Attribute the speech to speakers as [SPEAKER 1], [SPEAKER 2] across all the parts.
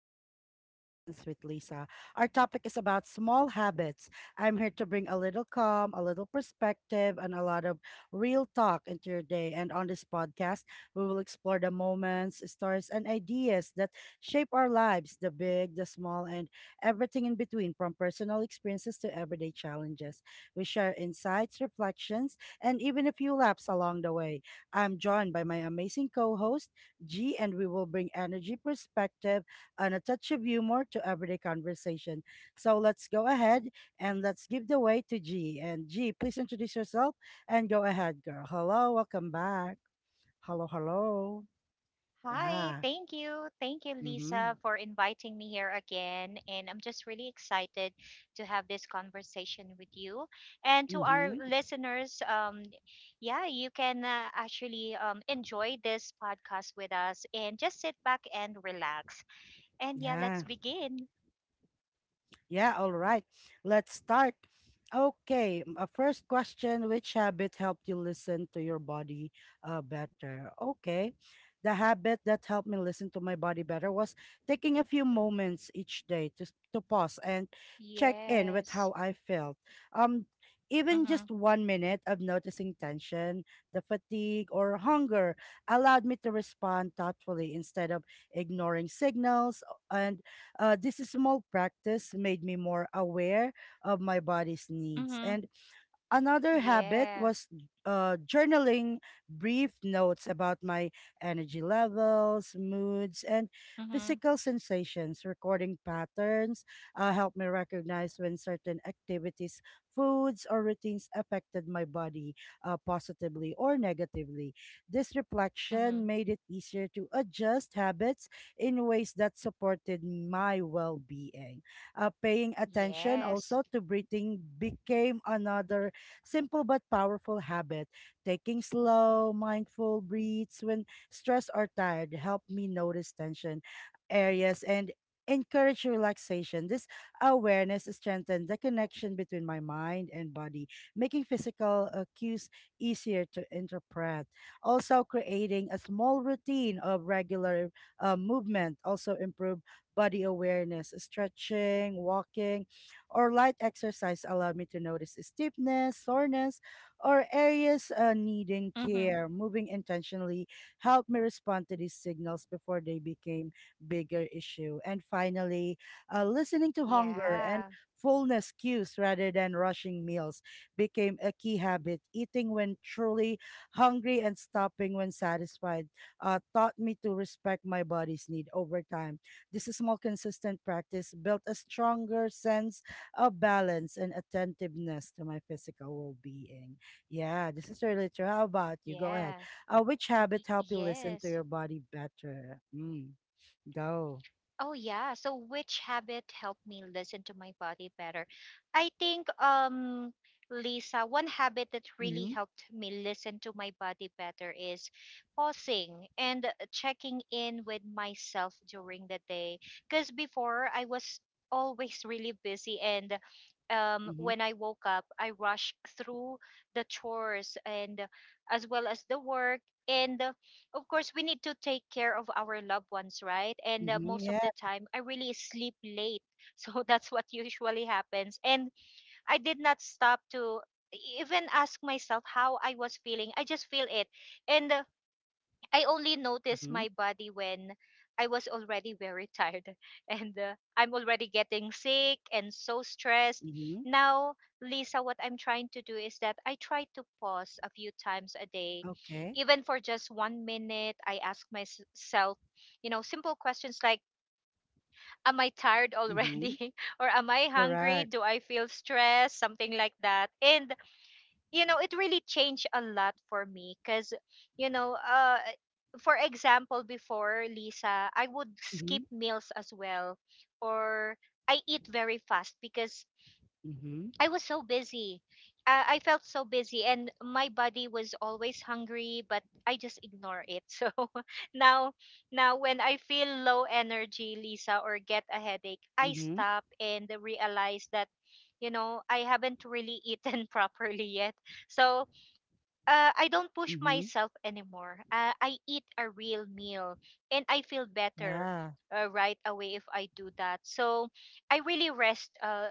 [SPEAKER 1] Everyday Reflections with Lisa. Our topic is about small habits. I'm here to bring a little calm, a little perspective, and a lot of real talk into your day. And on this podcast, we will explore the moments, stories, and ideas that shape our lives, the big, the small, and everything in between, from personal experiences to everyday challenges. We share insights, reflections, and even a few laps along the way. I'm joined by my amazing co host, G, and we will bring energy, perspective, and a touch of humor to everyday conversation. So let's go ahead and let's give the way to G. And G, please introduce yourself and go ahead, girl. Hello, welcome back. Hello, hello.
[SPEAKER 2] Hi,
[SPEAKER 1] Yeah.
[SPEAKER 2] thank you. Thank you,
[SPEAKER 1] Mm-hmm.
[SPEAKER 2] Lisa, for inviting me here again. And I'm just really excited to have this conversation with you. And to our
[SPEAKER 1] Mm-hmm.
[SPEAKER 2] listeners, yeah, you can actually enjoy this podcast with us and just sit back and relax. And yeah,
[SPEAKER 1] Yeah.
[SPEAKER 2] let's begin.
[SPEAKER 1] Yeah, all right. Let's start. Okay, first question, which habit helped you listen to your body better? Okay. The habit that helped me listen to my body better was taking a few moments each day to to pause and check in with how
[SPEAKER 2] Yes.
[SPEAKER 1] I felt. Um Even just
[SPEAKER 2] Mm-hmm.
[SPEAKER 1] 1 minute of noticing tension, the fatigue or hunger allowed me to respond thoughtfully instead of ignoring signals, and this small practice made me more aware of my body's needs.
[SPEAKER 2] Mm-hmm.
[SPEAKER 1] And another habit
[SPEAKER 2] Yeah.
[SPEAKER 1] was journaling brief notes about my energy levels, moods, and
[SPEAKER 2] Mm-hmm.
[SPEAKER 1] physical sensations. Recording patterns helped me recognize when certain activities, foods, or routines affected my body positively or negatively. This reflection
[SPEAKER 2] Mm-hmm.
[SPEAKER 1] made it easier to adjust habits in ways that supported my well being. Paying attention also
[SPEAKER 2] Yes.
[SPEAKER 1] to breathing became another simple but powerful habit. Taking slow, mindful breaths when stressed or tired, help me notice tension areas and encourage relaxation. This awareness strengthens the connection between my mind and body, making physical cues easier to interpret. Also, creating a small routine of regular movement also improve body awareness. Stretching, walking or light exercise allowed me to notice stiffness, soreness, or areas needing
[SPEAKER 2] Mm-hmm.
[SPEAKER 1] care. Moving intentionally helped me respond to these signals before they became bigger issue. And finally, listening to hunger
[SPEAKER 2] Yeah.
[SPEAKER 1] and fullness cues rather than rushing meals became a key habit. Eating when truly hungry and stopping when satisfied taught me to respect my body's need over time. This small, consistent practice built a stronger sense a balance and attentiveness to my physical well-being. Yeah, this is really true. How about you? Go ahead.
[SPEAKER 2] Yeah.
[SPEAKER 1] Which
[SPEAKER 2] Y-
[SPEAKER 1] habit help you listen to
[SPEAKER 2] yes.
[SPEAKER 1] your body better? Mm, go.
[SPEAKER 2] Oh yeah. So which habit helped me listen to my body better? I think Lisa, one habit that really
[SPEAKER 1] Mm-hmm.
[SPEAKER 2] helped me listen to my body better is pausing and checking in with myself during the day. Cuz before I was always really busy, and
[SPEAKER 1] Mm-hmm.
[SPEAKER 2] when I woke up, I rushed through the chores and as well as the work, and of course we need to take care of our loved ones, right? And
[SPEAKER 1] Mm-hmm.
[SPEAKER 2] most of
[SPEAKER 1] Yeah.
[SPEAKER 2] the time I really sleep late, so that's what usually happens. And I did not stop to even ask myself how I was feeling, I just feel it. And I only noticed
[SPEAKER 1] Mm-hmm.
[SPEAKER 2] my body when I was already very tired, and I'm already getting sick and so stressed.
[SPEAKER 1] Mm-hmm.
[SPEAKER 2] Now, Lisa, what I'm trying to do is that I try to pause a few times a day,
[SPEAKER 1] Okay.
[SPEAKER 2] even for just 1 minute. I ask myself, you know, simple questions like, am I tired
[SPEAKER 1] Mm-hmm.
[SPEAKER 2] already? Or am I hungry?
[SPEAKER 1] Correct.
[SPEAKER 2] Do I feel stressed? Something like that. And you know, it really changed a lot for me because you know uh for example, before, Lisa, I would
[SPEAKER 1] Mm-hmm.
[SPEAKER 2] skip meals as well, or I eat very fast because
[SPEAKER 1] Mm-hmm.
[SPEAKER 2] I was so busy. I felt so busy and my body was always hungry, but I just ignore it. So now now when I feel low energy, Lisa, or get a headache, I
[SPEAKER 1] Mm-hmm.
[SPEAKER 2] stop and realize that, you know, I haven't really eaten properly yet. So I don't push
[SPEAKER 1] Mm-hmm.
[SPEAKER 2] myself anymore. I eat a real meal and I feel better
[SPEAKER 1] Yeah.
[SPEAKER 2] right away if I do that. So I really rest,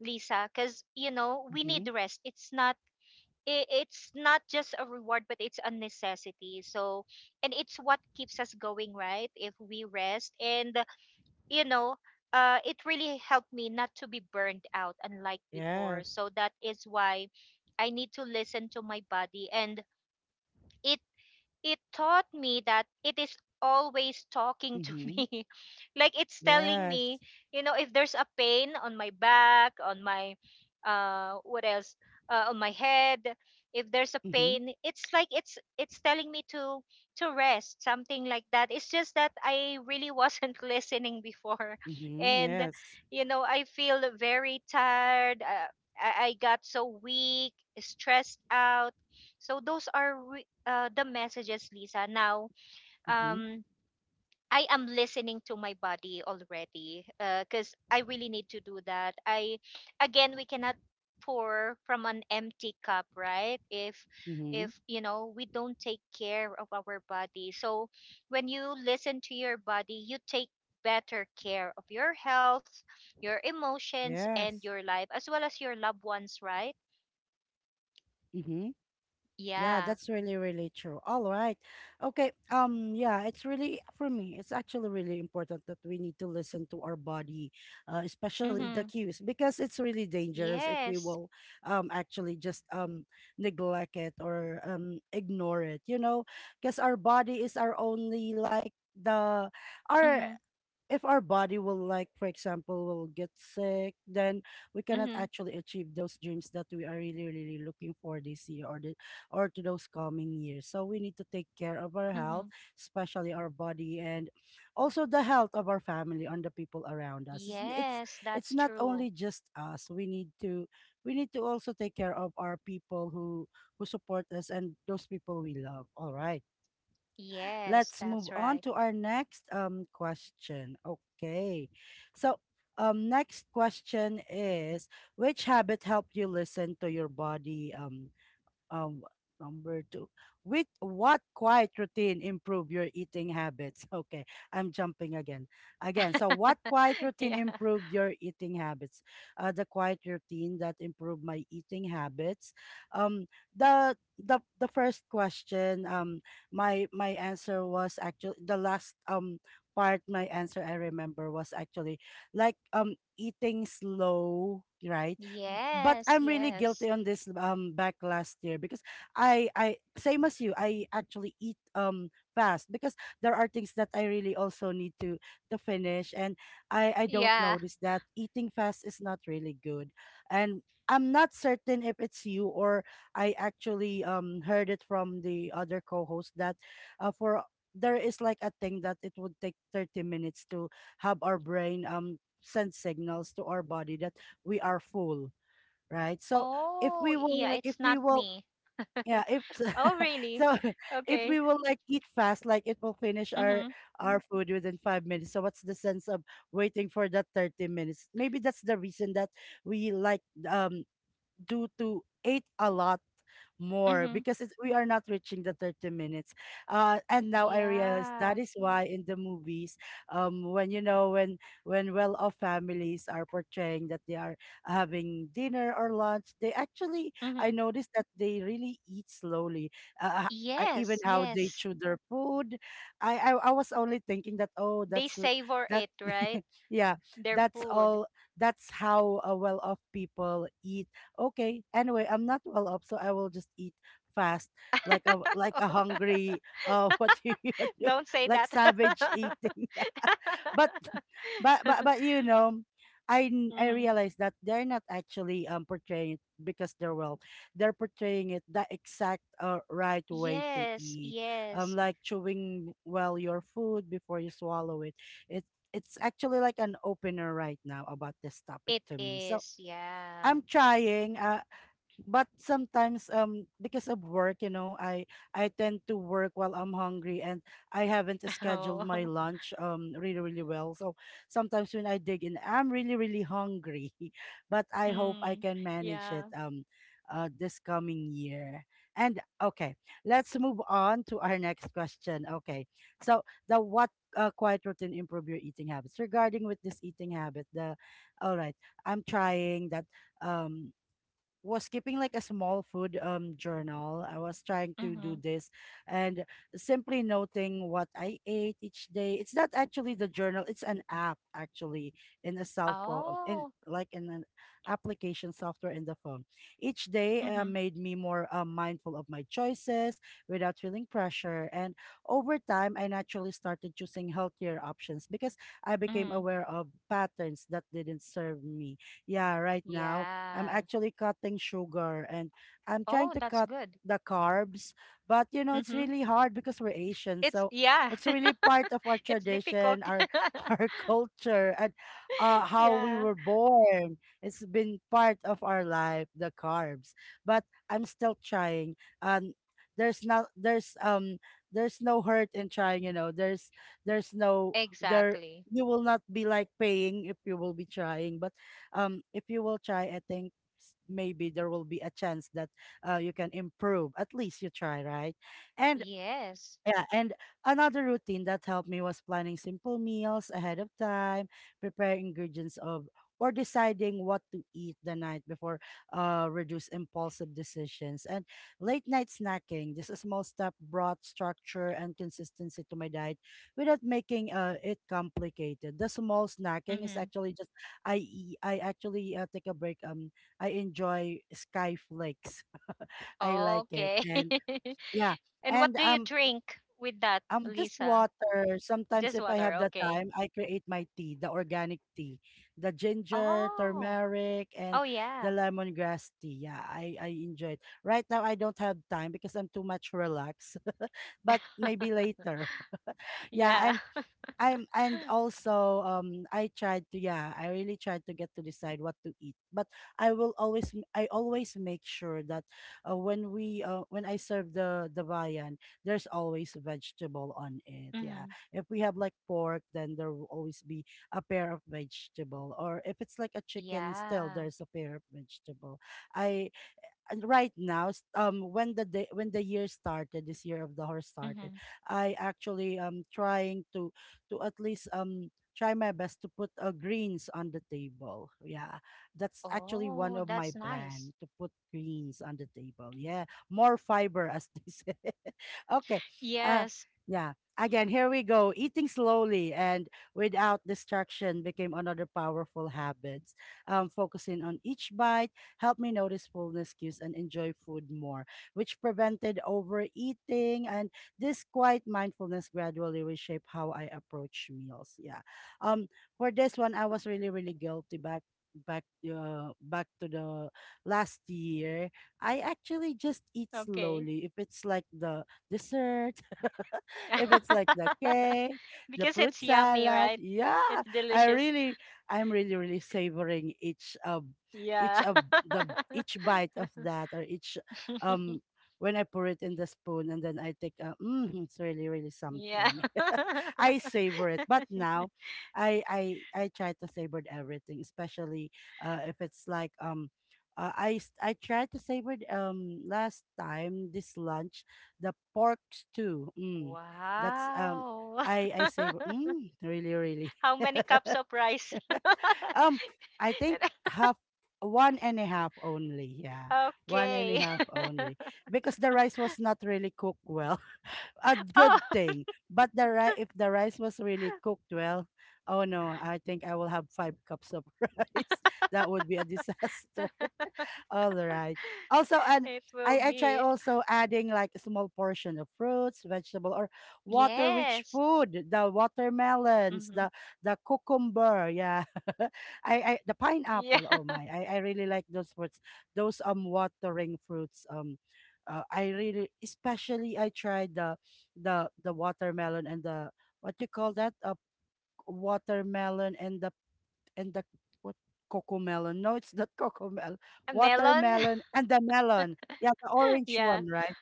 [SPEAKER 2] Lisa, because you know we
[SPEAKER 1] Mm-hmm.
[SPEAKER 2] need rest. It's not, it's not just a reward, but it's a necessity. So, and it's what keeps us going, right? If we rest and you know. It really helped me not to be burned out unlike before,
[SPEAKER 1] Yes.
[SPEAKER 2] so that is why I need to listen to my body. And it it taught me that it is always talking to
[SPEAKER 1] Mm-hmm.
[SPEAKER 2] me, like it's telling
[SPEAKER 1] Yes.
[SPEAKER 2] me, you know, if there's a pain on my back, on my, what else on my head, if there's a
[SPEAKER 1] Mm-hmm.
[SPEAKER 2] pain, it's like, it's telling me to rest, something like that. It's just that I really wasn't listening before.
[SPEAKER 1] Mm-hmm.
[SPEAKER 2] And
[SPEAKER 1] Yes.
[SPEAKER 2] you know I feel very tired. I got so weak, stressed out. So those are the messages, Lisa. Now,
[SPEAKER 1] Mm-hmm.
[SPEAKER 2] um, I am listening to my body already because I really need to do that. I, again, we cannot pour from an empty cup, right?
[SPEAKER 1] Mm-hmm.
[SPEAKER 2] If you know, we don't take care of our body. So, when you listen to your body, you take better care of your health, your emotions, and
[SPEAKER 1] Yes.
[SPEAKER 2] your life, as well as your loved ones, right?
[SPEAKER 1] Mm-hmm. Yeah,
[SPEAKER 2] Yeah.
[SPEAKER 1] that's really, really true. All right. Okay. Yeah, it's really for me, it's actually really important that we need to listen to our body, especially the
[SPEAKER 2] Mm-hmm.
[SPEAKER 1] cues, because it's really dangerous if we
[SPEAKER 2] Yes.
[SPEAKER 1] will actually just neglect it or ignore it, you know, because our body is our only like the our,
[SPEAKER 2] Mm-hmm.
[SPEAKER 1] if our body will like for example will get sick, then we cannot
[SPEAKER 2] Mm-hmm.
[SPEAKER 1] actually achieve those dreams that we are really really looking for this year or the or to those coming years. So we need to take care of our
[SPEAKER 2] Mm-hmm.
[SPEAKER 1] health, especially our body, and also the health of our family and the people around us. it's
[SPEAKER 2] Yes,
[SPEAKER 1] it's,
[SPEAKER 2] that's
[SPEAKER 1] it's not
[SPEAKER 2] true.
[SPEAKER 1] only just us. We need to, we need to also take care of our people who support us and those people we love. All right,
[SPEAKER 2] Yes,
[SPEAKER 1] let's
[SPEAKER 2] that's
[SPEAKER 1] move
[SPEAKER 2] right.
[SPEAKER 1] on to our next question. Okay. So, next question is, which habit helped you listen to your body um number two, with what quiet routine improve your eating habits? Okay, I'm jumping again so what quiet routine
[SPEAKER 2] Yeah.
[SPEAKER 1] improved your eating habits? Uh, the quiet routine that improved my eating habits, um the the first question, my my answer was actually the last part. My answer I remember was actually like eating slow, right? But
[SPEAKER 2] Yes,
[SPEAKER 1] I'm really guilty
[SPEAKER 2] yes.
[SPEAKER 1] on this back last year because I same as you, I actually eat fast because there are things that I really also need to finish, and I don't
[SPEAKER 2] Yeah.
[SPEAKER 1] notice that eating fast is not really good. And I'm not certain if it's you or I actually heard it from the other co-host that for there is like a thing that it would take 30 minutes to have our brain send signals to our body that we are full, right? So if
[SPEAKER 2] Oh,
[SPEAKER 1] we will
[SPEAKER 2] yeah,
[SPEAKER 1] like, if
[SPEAKER 2] it's
[SPEAKER 1] we
[SPEAKER 2] not
[SPEAKER 1] will
[SPEAKER 2] me.
[SPEAKER 1] yeah, if
[SPEAKER 2] Oh, really?
[SPEAKER 1] so if
[SPEAKER 2] Okay.
[SPEAKER 1] we will like eat fast, like it will finish
[SPEAKER 2] Mhm.
[SPEAKER 1] our food within 5 minutes, so what's the sense of waiting for that 30 minutes? Maybe that's the reason that we like um do to eat a lot more
[SPEAKER 2] Mhm.
[SPEAKER 1] because it's, we are not reaching the 30 minutes. Uh, and now I realize that
[SPEAKER 2] Yeah.
[SPEAKER 1] is why in the movies, when you know when well-off families are portraying that they are having dinner or lunch, they actually, I
[SPEAKER 2] Mhm.
[SPEAKER 1] noticed that they really eat slowly. Uh, I, even
[SPEAKER 2] Yes,
[SPEAKER 1] how they
[SPEAKER 2] yes.
[SPEAKER 1] chew their food, I was only thinking that oh,
[SPEAKER 2] They
[SPEAKER 1] that's
[SPEAKER 2] savor
[SPEAKER 1] that
[SPEAKER 2] it, right?
[SPEAKER 1] yeah,
[SPEAKER 2] Their
[SPEAKER 1] that's
[SPEAKER 2] food.
[SPEAKER 1] all, that's how well-off people eat. Okay, anyway, I'm not well up, so I will just eat fast like a hungry what you
[SPEAKER 2] Don't say
[SPEAKER 1] like,
[SPEAKER 2] that.
[SPEAKER 1] savage eating but but you know, I
[SPEAKER 2] Mhm.
[SPEAKER 1] realized that they're not actually portraying it because they're well, they're portraying it the exact right way to
[SPEAKER 2] Yes,
[SPEAKER 1] eat,
[SPEAKER 2] yes.
[SPEAKER 1] like chewing well your food before you swallow it. It it's actually like an opener right now about this topic
[SPEAKER 2] It
[SPEAKER 1] to me, so
[SPEAKER 2] is, yeah.
[SPEAKER 1] I'm trying. But sometimes because of work, you know, I tend to work while I'm hungry and I haven't scheduled my
[SPEAKER 2] Oh,
[SPEAKER 1] lunch really really well, so sometimes when I dig in I'm really really hungry but I hope I
[SPEAKER 2] mm,
[SPEAKER 1] can manage
[SPEAKER 2] yeah.
[SPEAKER 1] it this coming year. And okay, let's move on to our next question. Okay, so the what quiet routine improve your eating habits regarding with this eating habit, the, all right, I'm trying that, um was keeping like a small food journal. I was trying to do
[SPEAKER 2] Mm-hmm.
[SPEAKER 1] this and simply noting what I ate each day. It's not actually the journal, it's an app actually in a cell phone, in
[SPEAKER 2] Oh,
[SPEAKER 1] like in an application software in the phone. Each day
[SPEAKER 2] mm-hmm.
[SPEAKER 1] made me more mindful of my choices without feeling pressure, and over time I naturally started choosing healthier options because I became
[SPEAKER 2] Mm,
[SPEAKER 1] aware of patterns that didn't serve me. Yeah, right now I'm
[SPEAKER 2] yeah.
[SPEAKER 1] actually cutting sugar and I'm trying
[SPEAKER 2] Oh,
[SPEAKER 1] to
[SPEAKER 2] that's
[SPEAKER 1] cut
[SPEAKER 2] good.
[SPEAKER 1] the carbs. But you know, it's
[SPEAKER 2] Mm-hmm.
[SPEAKER 1] really hard because we're Asian.
[SPEAKER 2] It's,
[SPEAKER 1] So
[SPEAKER 2] yeah,
[SPEAKER 1] it's really part of our
[SPEAKER 2] it's difficult.
[SPEAKER 1] tradition, our our culture, and how we
[SPEAKER 2] Yeah,
[SPEAKER 1] were born. It's been part of our life, the carbs. But I'm still trying. And there's not there's there's no hurt in trying, you know. There's no there
[SPEAKER 2] exactly.
[SPEAKER 1] You will not be like paying if you will be trying, but if you will try, I think maybe there will be a chance that you can improve. At least you try, right? And
[SPEAKER 2] Yes.
[SPEAKER 1] yeah, and another routine that helped me was planning simple meals ahead of time, preparing ingredients of or deciding what to eat the night before reduce impulsive decisions and late night snacking. This small step brought structure and consistency to my diet without making it complicated. The small snacking is
[SPEAKER 2] Mm-hmm.
[SPEAKER 1] actually just, I actually take a break um, I enjoy sky flakes. I like it,
[SPEAKER 2] Okay.
[SPEAKER 1] and yeah,
[SPEAKER 2] And what
[SPEAKER 1] and
[SPEAKER 2] do you drink with that,
[SPEAKER 1] just
[SPEAKER 2] Lisa?
[SPEAKER 1] water. Sometimes
[SPEAKER 2] Just
[SPEAKER 1] if I
[SPEAKER 2] water,
[SPEAKER 1] have the
[SPEAKER 2] okay.
[SPEAKER 1] time, I create my tea, the organic tea, the ginger,
[SPEAKER 2] Oh,
[SPEAKER 1] turmeric, and
[SPEAKER 2] oh,
[SPEAKER 1] the
[SPEAKER 2] yeah.
[SPEAKER 1] lemongrass tea. Yeah, I enjoy it. Right now, I don't have time because I'm too much relaxed. But maybe later. Yeah,
[SPEAKER 2] Yeah.
[SPEAKER 1] and I'm and also I really tried to get to decide what to eat. But I will always I always make sure that when I serve the viand, there's always vegetable on it.
[SPEAKER 2] Mm-hmm.
[SPEAKER 1] Yeah, if we have like pork, then there will always be a pair of vegetable, or if it's like a chicken, still
[SPEAKER 2] Yeah.
[SPEAKER 1] there's a pair of vegetable. I and right now, s- when the day when the year started, this year of the horse started,
[SPEAKER 2] Mm-hmm.
[SPEAKER 1] I actually trying to at least, try my best to put greens on the table. Yeah, that's actually one
[SPEAKER 2] Oh,
[SPEAKER 1] of my
[SPEAKER 2] that's nice.
[SPEAKER 1] plan to put greens on the table. Yeah, more fiber, as they say. Okay. uh
[SPEAKER 2] Yes.
[SPEAKER 1] yeah, again, here we go, eating slowly, and without distraction became another powerful habit. Focusing on each bite helped me notice fullness cues and enjoy food more, which prevented overeating. And this quiet mindfulness gradually reshaped how I approach meals. Yeah. Um, for this one, I was really, really guilty back back to the last year. I actually just eat
[SPEAKER 2] Okay.
[SPEAKER 1] slowly if it's like the dessert, if it's like the cake, the
[SPEAKER 2] Because
[SPEAKER 1] fruit
[SPEAKER 2] it's yummy,
[SPEAKER 1] salad,
[SPEAKER 2] right? It's
[SPEAKER 1] yeah, I
[SPEAKER 2] delicious.
[SPEAKER 1] really, I'm really, really savoring each
[SPEAKER 2] Yeah.
[SPEAKER 1] of the each bite of that, or each, um when I pour it in the spoon, and then I take a mm, it's really, really
[SPEAKER 2] Yeah.
[SPEAKER 1] something. I savor it. But now, I I I try to savor everything, especially if it's like. I s- I tried to savor it, last time this lunch, the pork stew. Mm, that's
[SPEAKER 2] Wow.
[SPEAKER 1] I savor, mm, really, really.
[SPEAKER 2] How many cups of rice?
[SPEAKER 1] um, I think half, one and a half only. Yeah, one and a
[SPEAKER 2] Okay.
[SPEAKER 1] half only, because the rice was not really cooked well, a
[SPEAKER 2] Oh,
[SPEAKER 1] good thing. But the if the rice was really cooked well, oh no, I think I will have 5 cups of rice. That would be a disaster. All right. Also, and
[SPEAKER 2] it will
[SPEAKER 1] I try
[SPEAKER 2] be.
[SPEAKER 1] also adding like a small portion of fruits, vegetable, or water-rich
[SPEAKER 2] Yes.
[SPEAKER 1] food. The watermelons,
[SPEAKER 2] Hmm.
[SPEAKER 1] the cucumber, yeah. I the pineapple.
[SPEAKER 2] Yeah.
[SPEAKER 1] Oh my, I really like those fruits. Those watering fruits. I really, especially I tried the the watermelon, and the, what you call that? Watermelon, and the, and the, what, cocoa melon? No, it's not cocomelon.
[SPEAKER 2] Melon?
[SPEAKER 1] Watermelon and the melon. Yeah, the orange
[SPEAKER 2] Yeah.
[SPEAKER 1] one, right?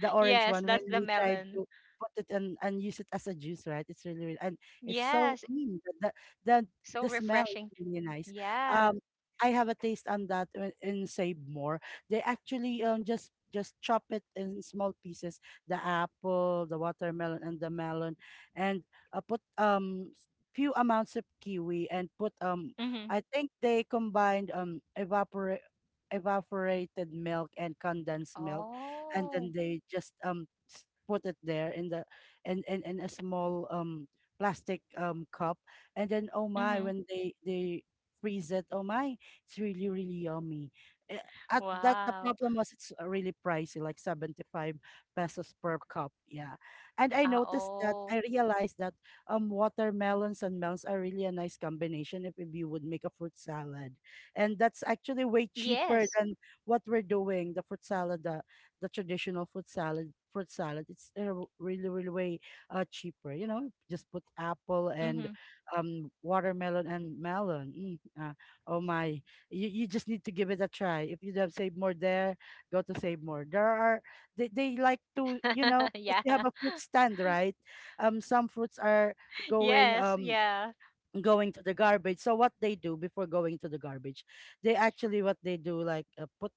[SPEAKER 1] The orange
[SPEAKER 2] Yes,
[SPEAKER 1] one, when
[SPEAKER 2] that's the
[SPEAKER 1] we tried
[SPEAKER 2] melon.
[SPEAKER 1] to put it, and use it as a juice, right? It's really, really, and it's so,
[SPEAKER 2] Yes.
[SPEAKER 1] mm, the the
[SPEAKER 2] So
[SPEAKER 1] smell is
[SPEAKER 2] refreshing.
[SPEAKER 1] really nice.
[SPEAKER 2] Yeah.
[SPEAKER 1] Um, I have a taste on that in Save More. They actually just chop it in small pieces, the apple, the watermelon, and the melon, and put few amounts of kiwi, and put,
[SPEAKER 2] Mm-hmm.
[SPEAKER 1] I think they combined, evaporated milk and condensed milk, and
[SPEAKER 2] Oh.
[SPEAKER 1] then they just put it there in the in a small, plastic, cup. And then, oh my,
[SPEAKER 2] Mm-hmm.
[SPEAKER 1] when they freeze it, oh my, it's really, really yummy. Eh, at that, the
[SPEAKER 2] Wow.
[SPEAKER 1] problem was, it's really pricey, like 75 pesos per cup. Yeah, and
[SPEAKER 2] Ah,
[SPEAKER 1] I
[SPEAKER 2] oh.
[SPEAKER 1] realized that, watermelons and melons are really a nice combination if you would make a fruit salad. And that's actually way
[SPEAKER 2] Yes.
[SPEAKER 1] cheaper than what we're doing, the fruit salad, the traditional fruit salad. It's really, really way, cheaper, you know, just put apple and
[SPEAKER 2] Mm-hmm.
[SPEAKER 1] watermelon and melon, mm, oh my, you just need to give it a try. If you don't save more there, go to Save More, there are, they like to, you know, because they have a fruit
[SPEAKER 2] Yeah.
[SPEAKER 1] stand, right? Some fruits are going,
[SPEAKER 2] Yes. Yeah.
[SPEAKER 1] going to the garbage. So what they do before going to the garbage, they actually, what they do, like, put,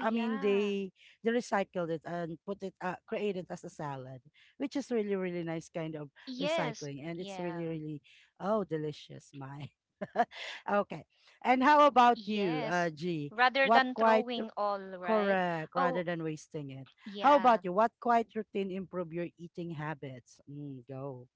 [SPEAKER 1] I mean they,
[SPEAKER 2] yeah.
[SPEAKER 1] recycled it and put it, create it as a salad, which is really, really nice kind of recycling.
[SPEAKER 2] Yes.
[SPEAKER 1] And it's really,
[SPEAKER 2] Yeah.
[SPEAKER 1] really, oh, delicious my. Okay. And how about you,
[SPEAKER 2] Yes.
[SPEAKER 1] uh, G?
[SPEAKER 2] Rather
[SPEAKER 1] What
[SPEAKER 2] than
[SPEAKER 1] quite
[SPEAKER 2] throwing all, right?
[SPEAKER 1] correct,
[SPEAKER 2] Oh,
[SPEAKER 1] rather than wasting it. How
[SPEAKER 2] yeah.
[SPEAKER 1] about you? What quiet routine improve your eating habits? Mm, go.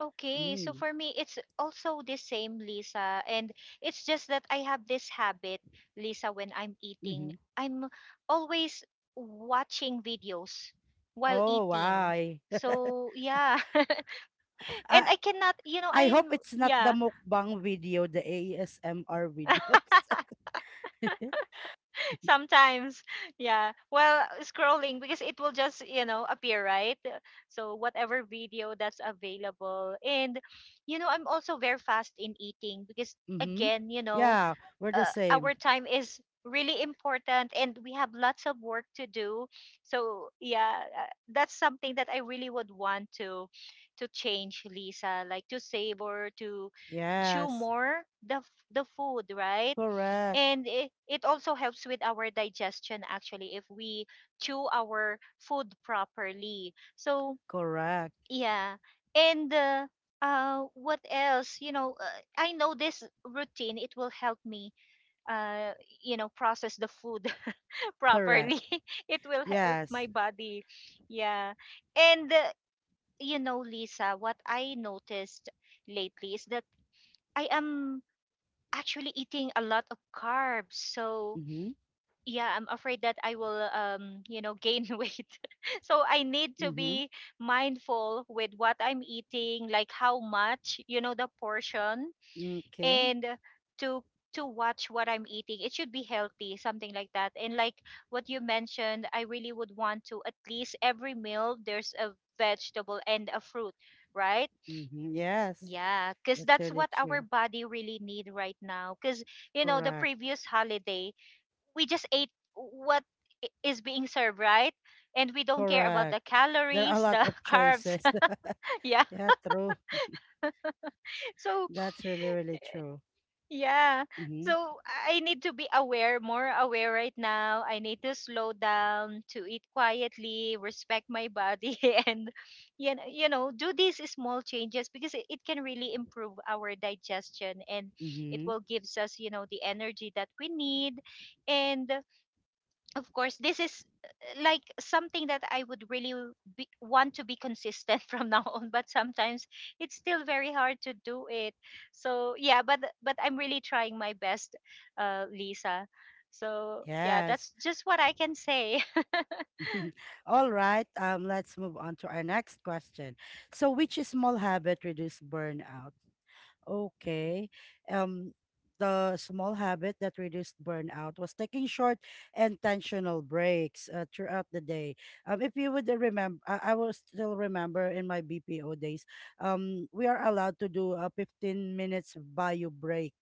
[SPEAKER 2] Okay, so
[SPEAKER 1] Mm.
[SPEAKER 2] for me, it's also the same, Lisa. And it's just that I have this habit, Lisa, when I'm eating,
[SPEAKER 1] Mm-hmm.
[SPEAKER 2] I'm always watching videos while
[SPEAKER 1] Oh,
[SPEAKER 2] eating.
[SPEAKER 1] why?
[SPEAKER 2] So, yeah. And
[SPEAKER 1] Uh,
[SPEAKER 2] I cannot, you know,
[SPEAKER 1] I hope
[SPEAKER 2] I'm,
[SPEAKER 1] it's not the
[SPEAKER 2] yeah,
[SPEAKER 1] mukbang video, the ASMR videos.
[SPEAKER 2] sometimes, yeah, while scrolling because it will just, you know, appear, right? So, whatever video that's available. And, you know, I'm also very fast in eating because,
[SPEAKER 1] Mm-hmm.
[SPEAKER 2] again, you know,
[SPEAKER 1] Yeah, we're the same.
[SPEAKER 2] our time is really important and we have lots of work to do, so yeah, that's something that I really would want to change, Lisa, like to savor, to chew
[SPEAKER 1] Yes.
[SPEAKER 2] more the f- the food, right?
[SPEAKER 1] Correct.
[SPEAKER 2] And it also helps with our digestion actually, if we chew our food properly, so
[SPEAKER 1] Correct.
[SPEAKER 2] yeah. And what else you know, I know this routine it will help me uh, you know, process the food
[SPEAKER 1] Correct.
[SPEAKER 2] properly. It will help
[SPEAKER 1] Yes.
[SPEAKER 2] my body, yeah. And you know, Lisa, what I noticed lately is that I am actually eating a lot of carbs, so
[SPEAKER 1] Mm-hmm.
[SPEAKER 2] yeah, I'm afraid that I will you know, gain weight. So I need to
[SPEAKER 1] Mm-hmm.
[SPEAKER 2] be mindful with what I'm eating, like how much, you know, the portion.
[SPEAKER 1] Mm, okay.
[SPEAKER 2] And to watch what I'm eating. It should be healthy, something like that. And like what you mentioned, I really would want to at least every meal there's a vegetable and a fruit, right?
[SPEAKER 1] Mm-hmm. Yes.
[SPEAKER 2] Yeah, because
[SPEAKER 1] That's
[SPEAKER 2] that's
[SPEAKER 1] really
[SPEAKER 2] what our
[SPEAKER 1] true.
[SPEAKER 2] body really need right now. Because you know the
[SPEAKER 1] Correct.
[SPEAKER 2] previous holiday we just ate what is being served, right? And we don't care about
[SPEAKER 1] Correct.
[SPEAKER 2] the
[SPEAKER 1] There are a
[SPEAKER 2] calories,
[SPEAKER 1] lot
[SPEAKER 2] the
[SPEAKER 1] of
[SPEAKER 2] carbs.
[SPEAKER 1] choices.
[SPEAKER 2] Yeah.
[SPEAKER 1] Yeah, true.
[SPEAKER 2] So.
[SPEAKER 1] That's really, really true.
[SPEAKER 2] Yeah.
[SPEAKER 1] Mm-hmm.
[SPEAKER 2] So I need to be aware, more aware right now. I need to slow down, to eat quietly, respect my body, and you know, do these small changes because it can really improve our digestion and it
[SPEAKER 1] Mm-hmm.
[SPEAKER 2] will gives us, you know, the energy that we need. And of course this is like something that I would really want to be consistent from now on, but sometimes it's still very hard to do it, so yeah. But I'm really trying my best, Lisa. So yeah,
[SPEAKER 1] Yes.
[SPEAKER 2] that's just what I can say.
[SPEAKER 1] All right, let's move on to our next question. So, which small habit reduce burnout? Okay. Um, the small habit that reduced burnout was taking short, intentional breaks throughout the day. If you would remember, I will still remember, in my BPO days, we are allowed to do a 15 minutes bio break.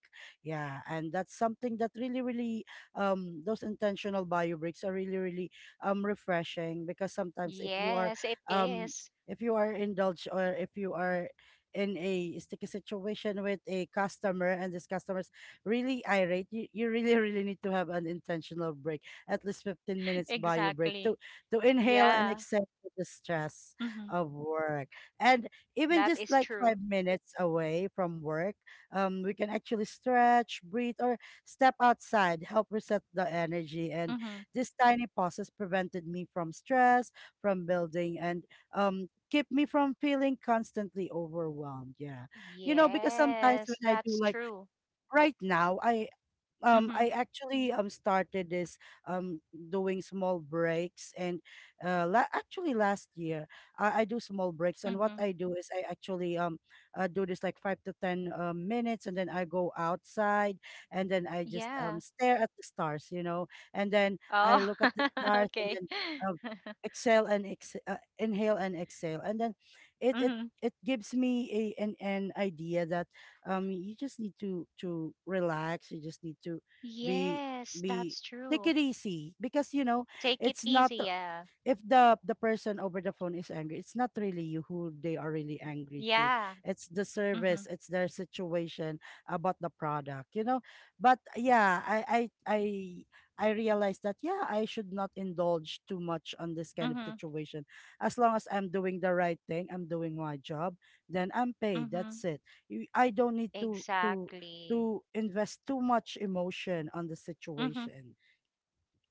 [SPEAKER 1] Yeah, and that's something that really, really, those intentional bio breaks are really, really, refreshing, because sometimes if you are,
[SPEAKER 2] Yes it
[SPEAKER 1] um,
[SPEAKER 2] is.
[SPEAKER 1] if you are indulged, or if you are in a sticky situation with a customer, and this customer's really irate, you really, really need to have an intentional break, at least 15 minutes bio break
[SPEAKER 2] Exactly.
[SPEAKER 1] to inhale and
[SPEAKER 2] Yeah.
[SPEAKER 1] exhale the stress
[SPEAKER 2] Hmm.
[SPEAKER 1] of work. And even
[SPEAKER 2] That
[SPEAKER 1] just
[SPEAKER 2] is
[SPEAKER 1] like
[SPEAKER 2] true.
[SPEAKER 1] 5 minutes away from work, we can actually stretch, breathe, or step outside, help reset the energy. And
[SPEAKER 2] Hmm.
[SPEAKER 1] this tiny pauses prevented me from stress, from building, and um, keep me from feeling constantly overwhelmed. Yeah. You know, because sometimes
[SPEAKER 2] Yes,
[SPEAKER 1] when I do
[SPEAKER 2] that's
[SPEAKER 1] like
[SPEAKER 2] true.
[SPEAKER 1] right now, I
[SPEAKER 2] Hmm.
[SPEAKER 1] actually started this, um doing small breaks, and actually last year, I do small breaks. And what
[SPEAKER 2] Hmm.
[SPEAKER 1] I do is, I actually do this like 5 to 10 minutes, and then I go outside, and then I just
[SPEAKER 2] Yeah.
[SPEAKER 1] stare at the stars, you know. And then I
[SPEAKER 2] Oh,
[SPEAKER 1] look at the stars, and
[SPEAKER 2] okay.
[SPEAKER 1] then, um, exhale and inhale and exhale, and then it it
[SPEAKER 2] Mm-hmm.
[SPEAKER 1] it gives me a, an idea that, you just need to relax, you just need to be
[SPEAKER 2] Yes,
[SPEAKER 1] be
[SPEAKER 2] that's
[SPEAKER 1] take it
[SPEAKER 2] true.
[SPEAKER 1] easy, because, you know,
[SPEAKER 2] Take
[SPEAKER 1] it's
[SPEAKER 2] it
[SPEAKER 1] not,
[SPEAKER 2] easy, yeah.
[SPEAKER 1] if the person over the phone is angry, it's not really you who they are really angry to.
[SPEAKER 2] Yeah.
[SPEAKER 1] It's the service,
[SPEAKER 2] Mm-hmm.
[SPEAKER 1] it's their situation about the product, you know. But yeah, I I realized that, yeah, I should not indulge too much on this kind of
[SPEAKER 2] Mm-hmm.
[SPEAKER 1] situation. As long as I'm doing the right thing, I'm doing my job, then I'm paid. That's
[SPEAKER 2] Mm-hmm.
[SPEAKER 1] it. You, I don't need to to
[SPEAKER 2] Exactly.
[SPEAKER 1] to invest too much emotion on the
[SPEAKER 2] Mm-hmm.
[SPEAKER 1] situation,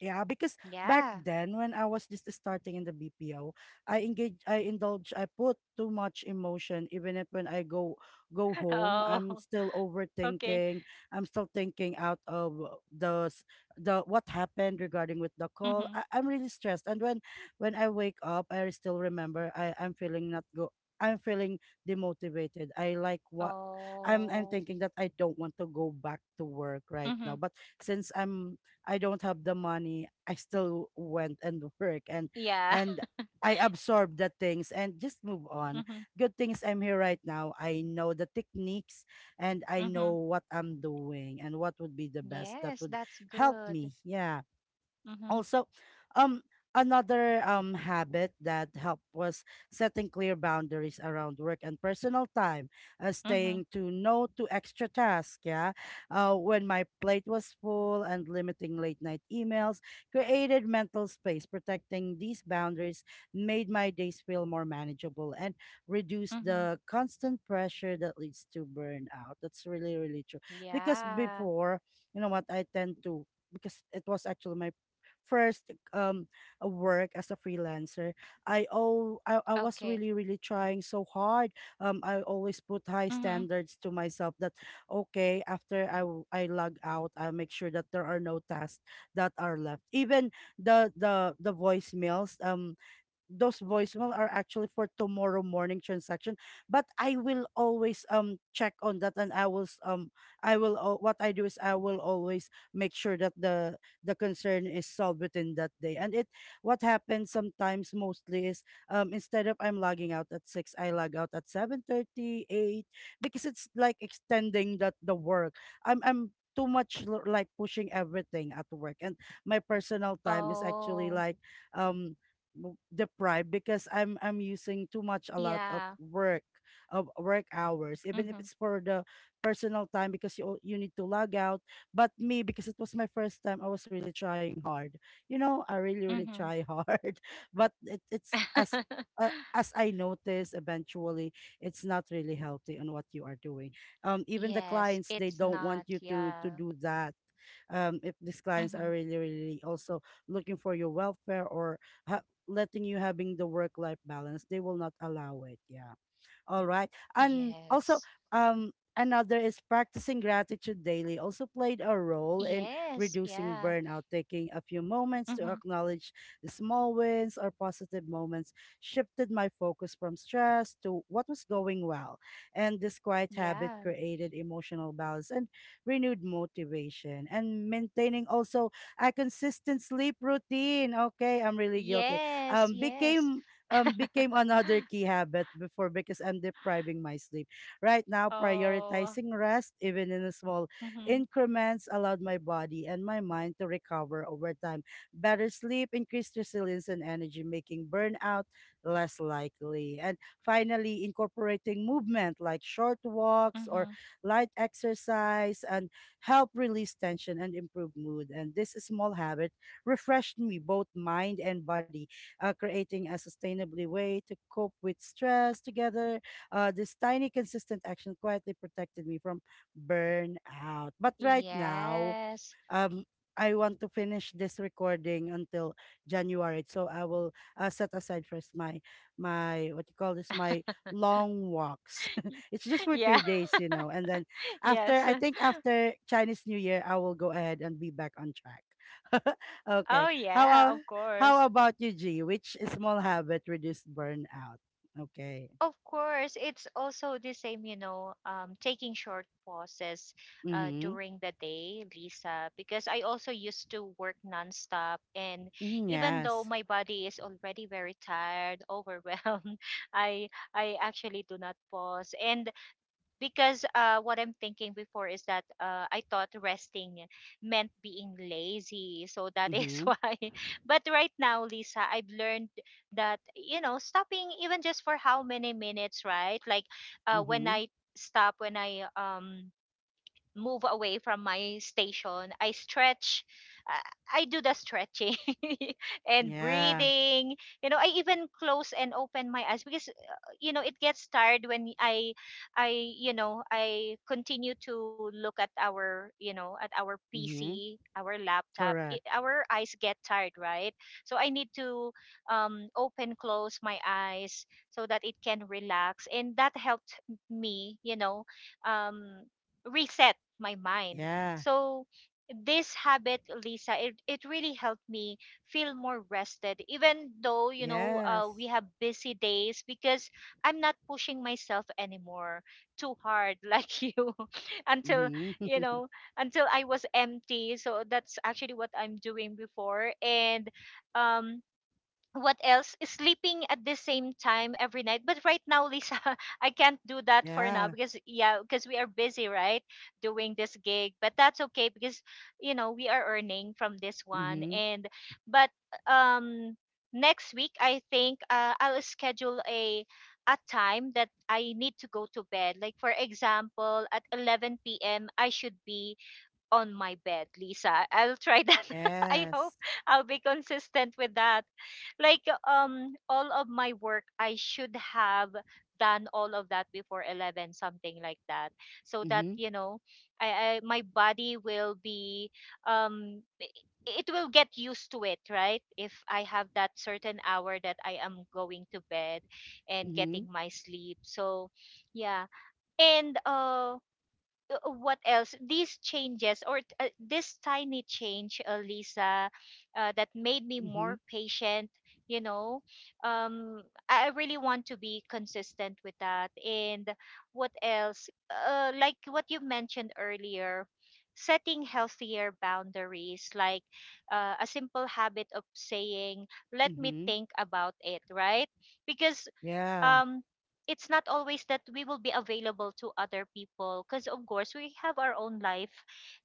[SPEAKER 1] yeah, because back
[SPEAKER 2] Yeah.
[SPEAKER 1] then, when I was just starting in the BPO, I engage, I indulge, I put too much emotion. Even if, when I go home,
[SPEAKER 2] Oh,
[SPEAKER 1] I'm still
[SPEAKER 2] okay.
[SPEAKER 1] overthinking. I'm still thinking out of the s- the, what happened regarding with the call.
[SPEAKER 2] Mm-hmm.
[SPEAKER 1] I'm really stressed. And when I wake up, I still remember, I'm feeling not go. I'm feeling demotivated. I like what, I'm
[SPEAKER 2] Oh.
[SPEAKER 1] thinking that I don't want to go back to work right now.
[SPEAKER 2] Mm-hmm.
[SPEAKER 1] But since, I don't have the money, I still went and work,
[SPEAKER 2] Yeah.
[SPEAKER 1] and I absorbed the things and just move on.
[SPEAKER 2] Mm-hmm.
[SPEAKER 1] Good things I'm here right now. I know the techniques, and I know
[SPEAKER 2] Mm-hmm.
[SPEAKER 1] what I'm doing, and what would be the best that
[SPEAKER 2] Yes,
[SPEAKER 1] would
[SPEAKER 2] that's
[SPEAKER 1] help
[SPEAKER 2] good.
[SPEAKER 1] me. Yeah.
[SPEAKER 2] Mm-hmm.
[SPEAKER 1] Also, um another habit that helped was setting clear boundaries around work and personal time, staying
[SPEAKER 2] Mm-hmm.
[SPEAKER 1] to no to extra tasks. Yeah, when my plate was full, and limiting late night emails, created mental space. Protecting these boundaries made my days feel more manageable and reduced
[SPEAKER 2] Mm-hmm.
[SPEAKER 1] the constant pressure that leads to burnout. That's really, really true, because
[SPEAKER 2] Yeah.
[SPEAKER 1] before, you know what I tend to, because it was actually my first work as a freelancer, I was
[SPEAKER 2] Okay.
[SPEAKER 1] really, really trying so hard. I always put high
[SPEAKER 2] Mm-hmm.
[SPEAKER 1] standards to myself that, okay, after I log out, I'll make sure that there are no tasks that are left, even the voicemails. Those voicemail are actually for tomorrow morning transaction, but I will always check on that, and I will s- I will al- what I do is, I will always make sure that the concern is solved within that day. And it, what happens sometimes, mostly, is, instead of I'm logging out at 6, I log out at 7:38, because it's like extending that, the work. I'm too much like pushing everything at work, and my personal time is
[SPEAKER 2] Oh.
[SPEAKER 1] actually like, um deprived, because I'm using too much, a lot
[SPEAKER 2] Yeah.
[SPEAKER 1] of work, of work hours,
[SPEAKER 2] Mm-hmm.
[SPEAKER 1] even if it's for the personal time, because you, you need to log out. But me, because it was my first time, I was really trying hard, you know, I really, really
[SPEAKER 2] Mm-hmm.
[SPEAKER 1] try hard, but it's as, as I notice eventually, it's not really healthy on what you are doing. Even the
[SPEAKER 2] Yes,
[SPEAKER 1] clients,
[SPEAKER 2] it's
[SPEAKER 1] they don't
[SPEAKER 2] not.
[SPEAKER 1] want you to
[SPEAKER 2] Yeah.
[SPEAKER 1] to do that. If these
[SPEAKER 2] Mm-hmm.
[SPEAKER 1] clients are really, really also looking for your welfare, or ha- letting you having the work life balance, they will not allow it. Yeah. All right. And
[SPEAKER 2] Yes.
[SPEAKER 1] also, another is practicing gratitude daily also played a role in
[SPEAKER 2] Yes.
[SPEAKER 1] reducing
[SPEAKER 2] Yeah.
[SPEAKER 1] burnout. Taking a few moments
[SPEAKER 2] Mm-hmm.
[SPEAKER 1] to acknowledge the small wins or positive moments shifted my focus from stress to what was going well. And this quiet habit
[SPEAKER 2] Yeah.
[SPEAKER 1] created emotional balance and renewed motivation. And maintaining also a consistent sleep routine. Okay, I'm really guilty.
[SPEAKER 2] Yes.
[SPEAKER 1] Um,
[SPEAKER 2] Yes.
[SPEAKER 1] became became another key habit before because I'm depriving my sleep. Right now,
[SPEAKER 2] Oh.
[SPEAKER 1] prioritizing rest, even in a small
[SPEAKER 2] Mm-hmm.
[SPEAKER 1] increments, allowed my body and my mind to recover over time. Better sleep increased resilience and energy, making burnout less likely. And finally, incorporating movement like short walks or
[SPEAKER 2] Mm-hmm.
[SPEAKER 1] light exercise and help release tension and improve mood. And this small habit refreshed me both mind and body creating a sustainably way to cope with stress together. This tiny, consistent action quietly protected me from burnout. But right now,
[SPEAKER 2] Yes.
[SPEAKER 1] um I want to finish this recording until January. So I will set aside first my what you call this my long walks. It's just for
[SPEAKER 2] Yeah.
[SPEAKER 1] 3 days, you know. And then after
[SPEAKER 2] Yes.
[SPEAKER 1] I think after Chinese New Year, I will go ahead and be back on track. Okay.
[SPEAKER 2] Oh, yeah. Of
[SPEAKER 1] How
[SPEAKER 2] course.
[SPEAKER 1] about you, G? Which small habit reduce burnout? Okay.
[SPEAKER 2] Of course, it's also the same, you know, taking short pauses
[SPEAKER 1] Mm-hmm.
[SPEAKER 2] during the day, Lisa, because I also used to work nonstop. And
[SPEAKER 1] Mm,
[SPEAKER 2] even though
[SPEAKER 1] yes.
[SPEAKER 2] my body is already very tired, overwhelmed, I actually do not pause. And because what I'm thinking before is that I thought resting meant being lazy. So that is
[SPEAKER 1] Mm-hmm.
[SPEAKER 2] why. But right now, Lisa, I've learned that, you know, stopping even just for how many minutes, right? Like when
[SPEAKER 1] Mm-hmm.
[SPEAKER 2] I stop, when I move away from my station, I stretch. I do the stretching and
[SPEAKER 1] Yeah.
[SPEAKER 2] breathing. You know, I even close and open my eyes because you know it gets tired when I, you know, I continue to look at our, you know, at our
[SPEAKER 1] Mm-hmm.
[SPEAKER 2] PC, our laptop. It,
[SPEAKER 1] Correct.
[SPEAKER 2] our eyes get tired, right? So I need to open, close my eyes so that it can relax, and that helped me, you know, um, reset my mind.
[SPEAKER 1] Yeah.
[SPEAKER 2] So this habit, Lisa, it really helped me feel more rested, even though, you know,
[SPEAKER 1] Yes.
[SPEAKER 2] we have busy days because I'm not pushing myself anymore too hard, like you, until,
[SPEAKER 1] Mhm.
[SPEAKER 2] you know, until I was empty. So that's actually what I'm doing before. And um, what else, sleeping at the same time every night. But right now, Lisa, I can't do that for now
[SPEAKER 1] Yeah.
[SPEAKER 2] because yeah, because we are busy, right, doing this gig. But that's okay because you know we are earning from this one.
[SPEAKER 1] Mhm.
[SPEAKER 2] And but um next week I think I'll schedule a time that I need to go to bed, like for example at 11 p.m. I should be on my bed, Lisa. I'll try that. I hope
[SPEAKER 1] Yes.
[SPEAKER 2] I'll be consistent with that. Like all of my work, I should have done all of that before 11, something like that, so that
[SPEAKER 1] Mhm.
[SPEAKER 2] you know I, my body will be it will get used to it, right? If I have that certain hour that I am going to bed and getting
[SPEAKER 1] Mhm.
[SPEAKER 2] my sleep. So, yeah. And what else, these changes, or this tiny change, Lisa, that made me
[SPEAKER 1] Mhm.
[SPEAKER 2] more patient, you know. um I really want to be consistent with that. And what else? Like what you mentioned earlier, setting healthier boundaries, like a simple habit of saying let me
[SPEAKER 1] Mhm.
[SPEAKER 2] think about it, right? Because
[SPEAKER 1] Yeah.
[SPEAKER 2] um it's not always that we will be available to other people, because of course we have our own life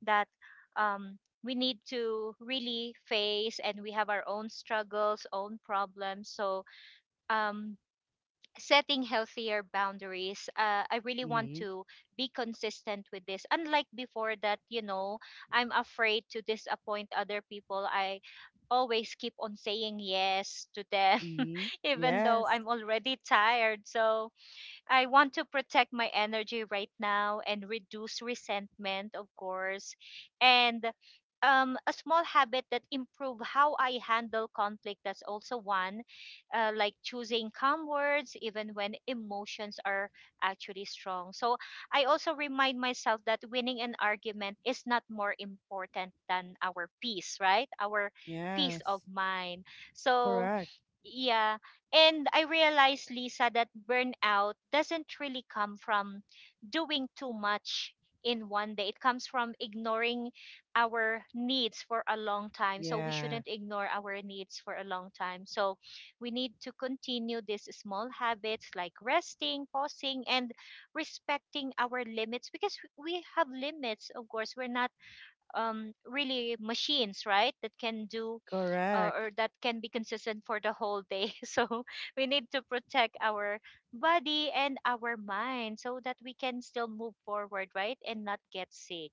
[SPEAKER 2] that we need to really face, and we have our own struggles, own problems. So um setting healthier boundaries, I really want
[SPEAKER 1] Mhm.
[SPEAKER 2] to be consistent with this, unlike before, that you know, I'm afraid to disappoint other people. I always keep on saying yes to them.
[SPEAKER 1] Mhm.
[SPEAKER 2] Even though
[SPEAKER 1] Yes.
[SPEAKER 2] I'm already tired, so I want to protect my energy right now and reduce resentment, of course. And a small habit that improve how I handle conflict. That's also one, like choosing calm words even when emotions are actually strong. So I also remind myself that winning an argument is not more important than our peace, right? Our peace of
[SPEAKER 1] Yes.
[SPEAKER 2] mind. So
[SPEAKER 1] Correct.
[SPEAKER 2] yeah. And I realized, Lisa, that burnout doesn't really come from doing too much in one day. It comes from ignoring our needs for a long time. So we
[SPEAKER 1] Yeah.
[SPEAKER 2] shouldn't ignore our needs for a long time. So we need to continue these small habits like resting, pausing, and respecting our limits, because we have limits, of course. We're not really machines, right? That can do or
[SPEAKER 1] Correct.
[SPEAKER 2] that can be consistent for the whole day. So we need to protect our body and our mind so that we can still move forward, right? And not get sick.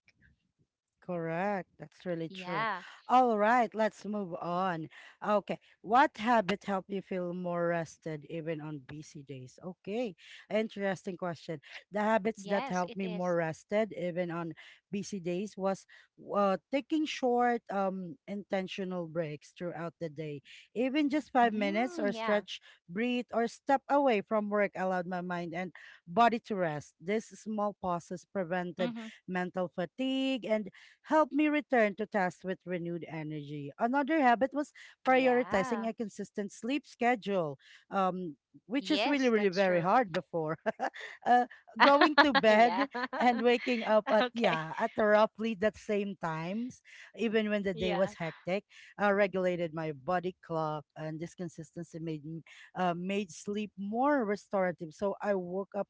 [SPEAKER 1] Correct. That's really
[SPEAKER 2] Yeah.
[SPEAKER 1] true. All right, let's move on. Okay. What habit helped you feel more rested even on busy days? Okay. Interesting question. The habits that
[SPEAKER 2] Yes,
[SPEAKER 1] helped
[SPEAKER 2] it
[SPEAKER 1] me more
[SPEAKER 2] is.
[SPEAKER 1] rested even on busy days was taking short intentional breaks throughout the day. Even just 5
[SPEAKER 2] Mm,
[SPEAKER 1] minutes
[SPEAKER 2] yeah.
[SPEAKER 1] or stretch, breathe or step away from work allowed my mind and body to rest. These small pauses
[SPEAKER 2] Mm-hmm.
[SPEAKER 1] prevented mental fatigue and helped me return to tasks with renewed energy. Another habit was
[SPEAKER 2] Yeah.
[SPEAKER 1] prioritizing a consistent sleep schedule, um, which is really,
[SPEAKER 2] Yes,
[SPEAKER 1] really
[SPEAKER 2] that's
[SPEAKER 1] very
[SPEAKER 2] true.
[SPEAKER 1] hard before. uh, Going to
[SPEAKER 2] Yeah.
[SPEAKER 1] bed and waking up at,
[SPEAKER 2] Okay.
[SPEAKER 1] yeah, at roughly that same times, even when the day was
[SPEAKER 2] Yeah.
[SPEAKER 1] hectic, regulated my body clock, and this consistency made me made sleep more restorative. So I woke up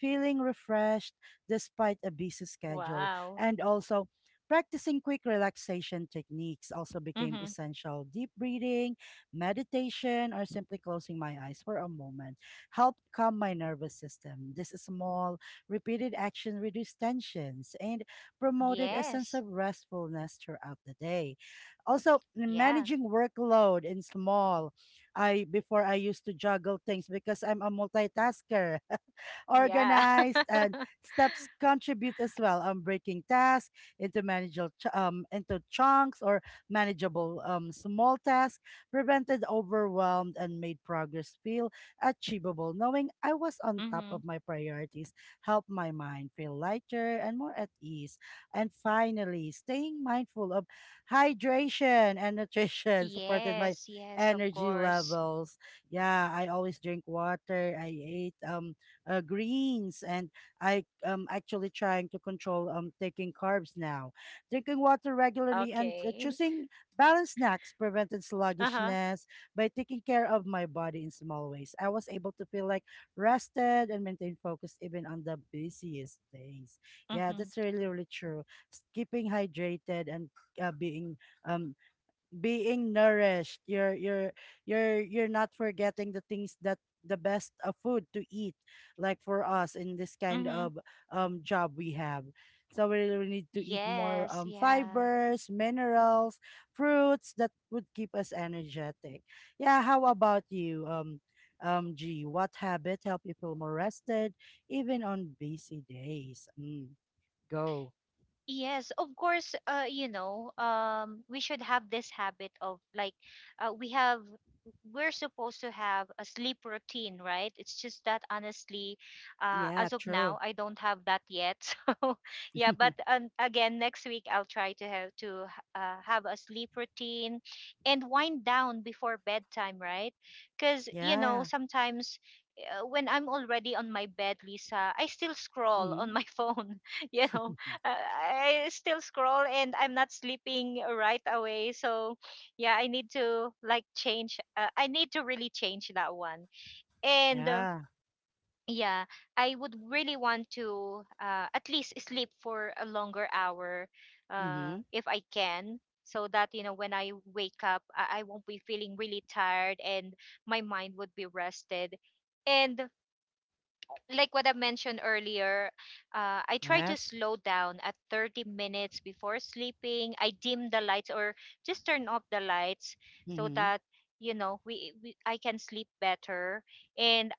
[SPEAKER 1] feeling refreshed despite a busy schedule.
[SPEAKER 2] Wow.
[SPEAKER 1] And also, practicing quick relaxation techniques also became
[SPEAKER 2] Mm-hmm.
[SPEAKER 1] essential. Deep breathing, meditation, or simply closing my eyes for a moment helped calm my nervous system. This small, repeated action reduced tensions and promoted a sense of
[SPEAKER 2] Yes.
[SPEAKER 1] restfulness throughout the day. Also, managing
[SPEAKER 2] Yeah.
[SPEAKER 1] workload in small, I before I used to juggle things because I'm a multitasker
[SPEAKER 2] Yeah.
[SPEAKER 1] organized, and steps contribute as well on breaking tasks into into chunks or manageable small tasks, prevented overwhelmed, and made progress feel achievable. Knowing I was on top of my
[SPEAKER 2] Mm-hmm.
[SPEAKER 1] priorities helped my mind feel lighter and more at ease. And finally, staying mindful of hydration and nutrition supported my
[SPEAKER 2] Yes, yes,
[SPEAKER 1] energy
[SPEAKER 2] of course.
[SPEAKER 1] levels. Yeah, I always drink water. I ate greens, and I am actually trying to control taking carbs now. Drinking water regularly and
[SPEAKER 2] Okay.
[SPEAKER 1] choosing balanced snacks prevented
[SPEAKER 2] Uh-huh.
[SPEAKER 1] sluggishness by taking care of my body in small ways. I was able to feel like rested and maintain focus even on the busiest days. Yeah, that's
[SPEAKER 2] Mm-hmm.
[SPEAKER 1] really really true. Keeping hydrated and being um being nourished you're you're not forgetting the things that the best of food to eat like for us in this kind
[SPEAKER 2] Mm-hmm.
[SPEAKER 1] of job we have, so we really really need to eat more
[SPEAKER 2] Yes, yeah.
[SPEAKER 1] fibers, minerals, fruits that would keep us energetic. Yeah, how about you, G? What habit help you feel more rested even on busy days? Go.
[SPEAKER 2] Yes, of course, you know, we should have this habit of, like, uh, we have, we're supposed to have a sleep routine, right? It's just that honestly,
[SPEAKER 1] Yeah,
[SPEAKER 2] as of
[SPEAKER 1] true.
[SPEAKER 2] now, I don't have that yet. So, yeah, but again, next week I'll try to have a sleep routine and wind down before bedtime, right? Because, you know,
[SPEAKER 1] Yeah.
[SPEAKER 2] sometimes when I'm already on my bed, Lisa, I still scroll on
[SPEAKER 1] Hmm.
[SPEAKER 2] my phone, you know, I still scroll and I'm not sleeping right away. So yeah, I need to, like, change. I need to really change that one. And
[SPEAKER 1] Yeah.
[SPEAKER 2] yeah, I would really want to at least sleep for a longer hour,
[SPEAKER 1] Hmm.
[SPEAKER 2] if I can. So that you know, when I wake up, I won't be feeling really tired, and my mind would be rested. And like what I mentioned earlier, I try to
[SPEAKER 1] Yes.
[SPEAKER 2] slow down at 30 minutes before sleeping. I dim the lights or just turn off the lights so
[SPEAKER 1] Mm-hmm.
[SPEAKER 2] that you know we I can sleep better. And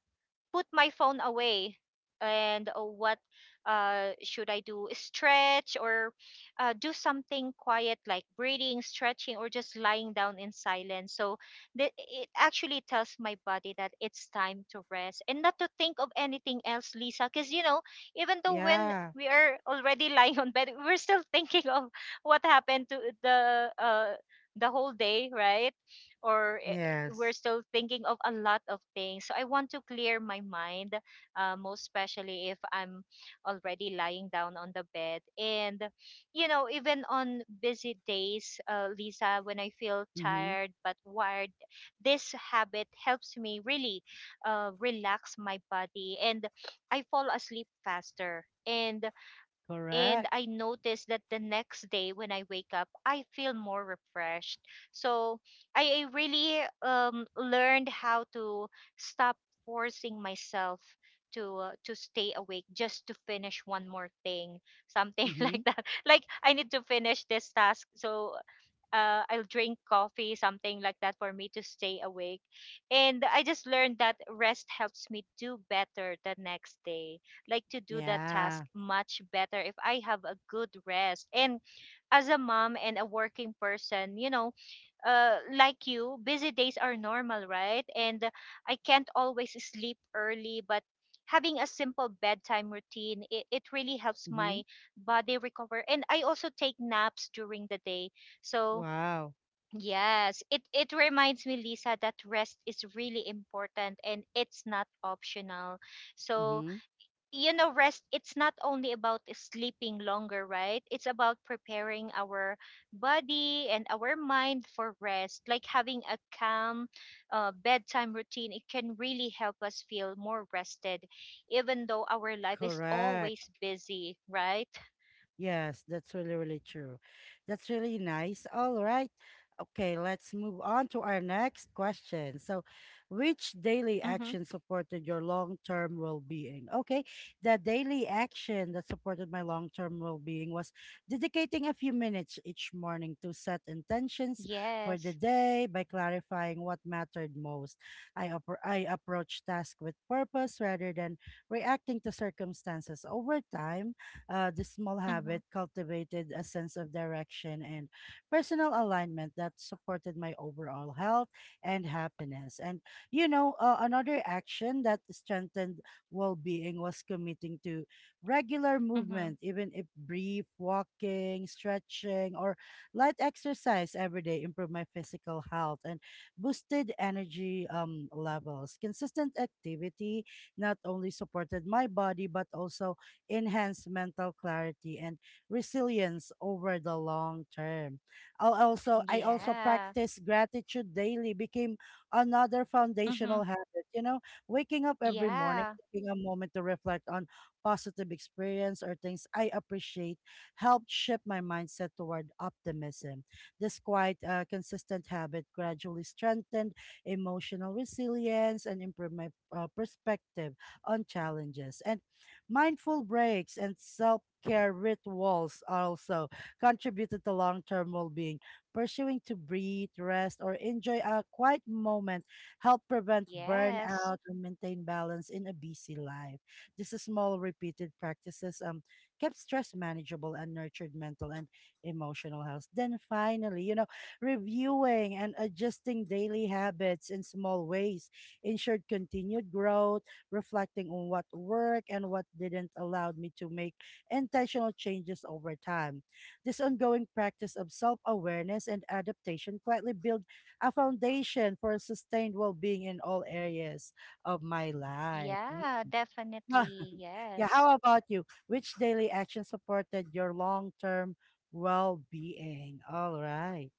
[SPEAKER 2] put my phone away and what should I do, stretch? Or do something quiet like breathing, stretching, or just lying down in silence, so it actually tells my body that it's time to rest and not to think of anything else, Lisa, because you know, even though when
[SPEAKER 1] Yeah.
[SPEAKER 2] we are already lying on bed, we're still thinking of what happened to the whole day, right? Or
[SPEAKER 1] Yes.
[SPEAKER 2] we're still thinking of a lot of things. So I want to clear my mind, most especially if I'm already lying down on the bed. And, you know, even on busy days, Lisa, when I feel
[SPEAKER 1] Mm-hmm.
[SPEAKER 2] tired but wired, this habit helps me really relax my body, and I fall asleep faster. And
[SPEAKER 1] Correct.
[SPEAKER 2] I noticed that the next day when I wake up, I feel more refreshed. So I really learned how to stop forcing myself to stay awake just to finish one more thing, something
[SPEAKER 1] Mm-hmm.
[SPEAKER 2] like that. Like I need to finish this task, so I'll drink coffee, something like that, for me to stay awake. And I just learned that rest helps me do better the next day, like to do that task
[SPEAKER 1] Yeah.
[SPEAKER 2] much better if I have a good rest. And as a mom and a working person, you know, like you, busy days are normal, right? And I can't always sleep early, but having a simple bedtime routine, it really helps my
[SPEAKER 1] Mm-hmm.
[SPEAKER 2] body recover, and I also take naps during the day. So
[SPEAKER 1] Wow.
[SPEAKER 2] yes, it reminds me, Lisa, that rest is really important and it's not optional. So,
[SPEAKER 1] Mm-hmm.
[SPEAKER 2] you know, rest it's not only about sleeping longer, right? It's about preparing our body and our mind for rest. Like having a calm bedtime routine, it can really help us feel more rested, even though our life is
[SPEAKER 1] Correct.
[SPEAKER 2] always busy, right?
[SPEAKER 1] Yes, that's really, really true. That's really nice. All right. Okay, let's move on to our next question. So, which
[SPEAKER 2] Mm-hmm.
[SPEAKER 1] daily action supported your long-term well-being? Okay, the daily action that supported my long-term well-being was dedicating a few minutes each morning to set intentions for
[SPEAKER 2] Yes.
[SPEAKER 1] the day by clarifying what mattered most. I approach tasks with purpose rather than reacting to circumstances over time. This small
[SPEAKER 2] Mm-hmm.
[SPEAKER 1] habit cultivated a sense of direction and personal alignment that supported my overall health and happiness. And, you know, another action that strengthened well being was committing to regular
[SPEAKER 2] Mm-hmm.
[SPEAKER 1] movement, even if brief walking, stretching, or light exercise every day improved my physical health and boosted energy levels. Consistent activity not only supported my body but also enhance mental clarity and resilience over the long term. I also
[SPEAKER 2] Yeah.
[SPEAKER 1] practice gratitude daily became another foundational
[SPEAKER 2] Mm-hmm.
[SPEAKER 1] habit. You know, waking up every morning,
[SPEAKER 2] Yeah,
[SPEAKER 1] taking a moment to reflect on positive experience or things I appreciate helped shift my mindset toward optimism. This quite consistent habit gradually strengthened emotional resilience and improved my perspective on challenges. And mindful breaks and self care rituals also contributed to long term well being. Pursuing to breathe, rest, or enjoy a quiet moment help prevent
[SPEAKER 2] yes.
[SPEAKER 1] burnout and maintain balance in a busy life. These small repeated practices kept stress manageable and nurtured mental and emotional health. Then finally, you know, reviewing and adjusting daily habits in small ways ensured continued growth, reflecting on what worked and what didn't allowed me to make intentional changes over time. This ongoing practice of self-awareness and adaptation quietly built a foundation for sustained well-being in all areas of my life. Mm.
[SPEAKER 2] Yeah,
[SPEAKER 1] Ah,
[SPEAKER 2] definitely.
[SPEAKER 1] yeah,
[SPEAKER 2] Yes.
[SPEAKER 1] how about you? Which daily action supported your long-term well-being? All right.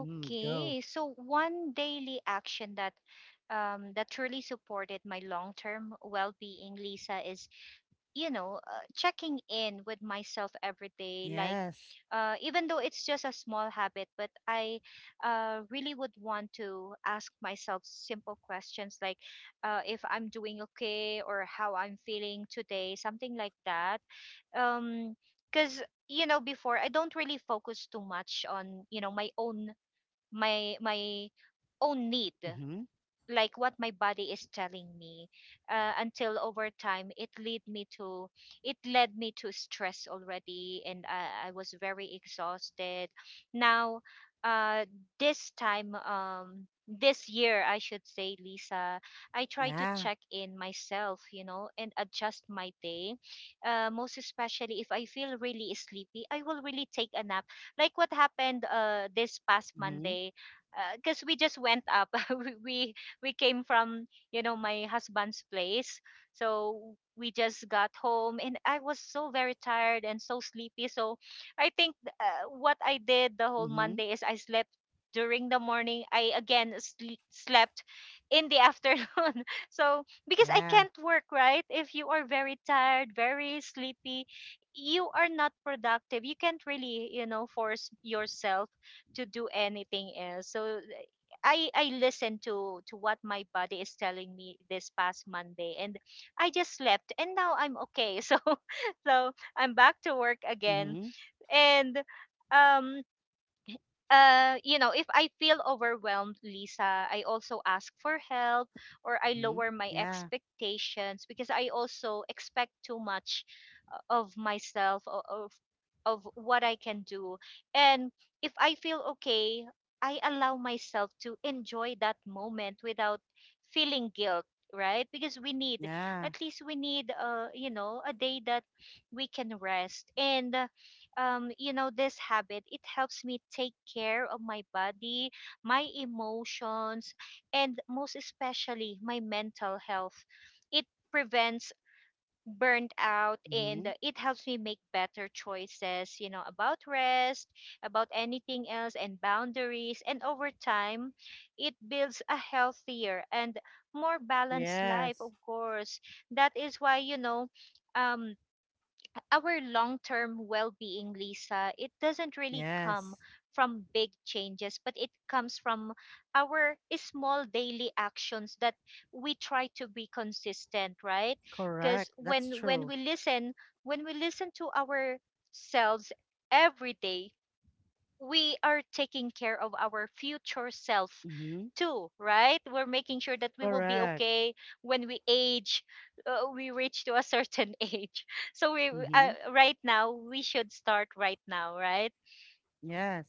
[SPEAKER 1] Mm, go.
[SPEAKER 2] Okay. So one daily action that truly supported my long-term well-being, Lisa, is you know checking in with myself every day, like
[SPEAKER 1] Yes.
[SPEAKER 2] even though it's just a small habit, but I really would want to ask myself simple questions like if I'm doing okay or how I'm feeling today, something like that. um because you know, before, I don't really focus too much on you know my own, my own need,
[SPEAKER 1] Mm-hmm.
[SPEAKER 2] like what my body is telling me, until over time it led me to stress already, and I was very exhausted. Now uh, this time, this year I should say, Lisa, I try to
[SPEAKER 1] Yeah.
[SPEAKER 2] check in myself, you know, and adjust my day, most especially if I feel really sleepy, I will really take a nap. Like what happened this past
[SPEAKER 1] Mm-hmm.
[SPEAKER 2] Monday, because we just went up, we we we came from, you know, my husband's place, so we just got home and I was so very tired and so sleepy. So I think what I did the whole
[SPEAKER 1] Mm-hmm.
[SPEAKER 2] Monday is I slept during the morning. I again Slept in the afternoon. So because I
[SPEAKER 1] Yeah.
[SPEAKER 2] can't work right if you are very tired, very sleepy. You are not productive, you can't really you know force yourself to do anything else. So I listened to what my body is telling me this past Monday, and I just slept, and now I'm okay. So so I'm back to work again,
[SPEAKER 1] Mm-hmm.
[SPEAKER 2] and um, you know, if I feel overwhelmed, Lisa, I also ask for help, or I
[SPEAKER 1] Mm-hmm.
[SPEAKER 2] lower my
[SPEAKER 1] Yeah.
[SPEAKER 2] expectations, because I also expect too much of myself, of what I can do. And if I feel okay, I allow myself to enjoy that moment without feeling guilt, right? Because we need,
[SPEAKER 1] Yeah.
[SPEAKER 2] at least we need, you know, a day that we can rest. And you know, this habit, it helps me take care of my body, my emotions, and most especially my mental health. It prevents burnt out,
[SPEAKER 1] Mm-hmm.
[SPEAKER 2] and it helps me make better choices, you know, about rest, about anything else, and boundaries. And over time, it builds a healthier and more balanced life,
[SPEAKER 1] Yes.
[SPEAKER 2] of course. That is why, you know, um, our long-term well-being, Lisa, it doesn't really come
[SPEAKER 1] Yes.
[SPEAKER 2] from big changes, but it comes from our small daily actions that we try to be consistent, right?
[SPEAKER 1] Correct.
[SPEAKER 2] Because
[SPEAKER 1] That's true.
[SPEAKER 2] when we listen to ourselves every day, we are taking care of our future self
[SPEAKER 1] Mm-hmm.
[SPEAKER 2] too, right? We're making sure that we will be
[SPEAKER 1] Correct.
[SPEAKER 2] okay when we age, we reach to a certain age. So we
[SPEAKER 1] Mm-hmm.
[SPEAKER 2] right now we should start right now, right?
[SPEAKER 1] Yes.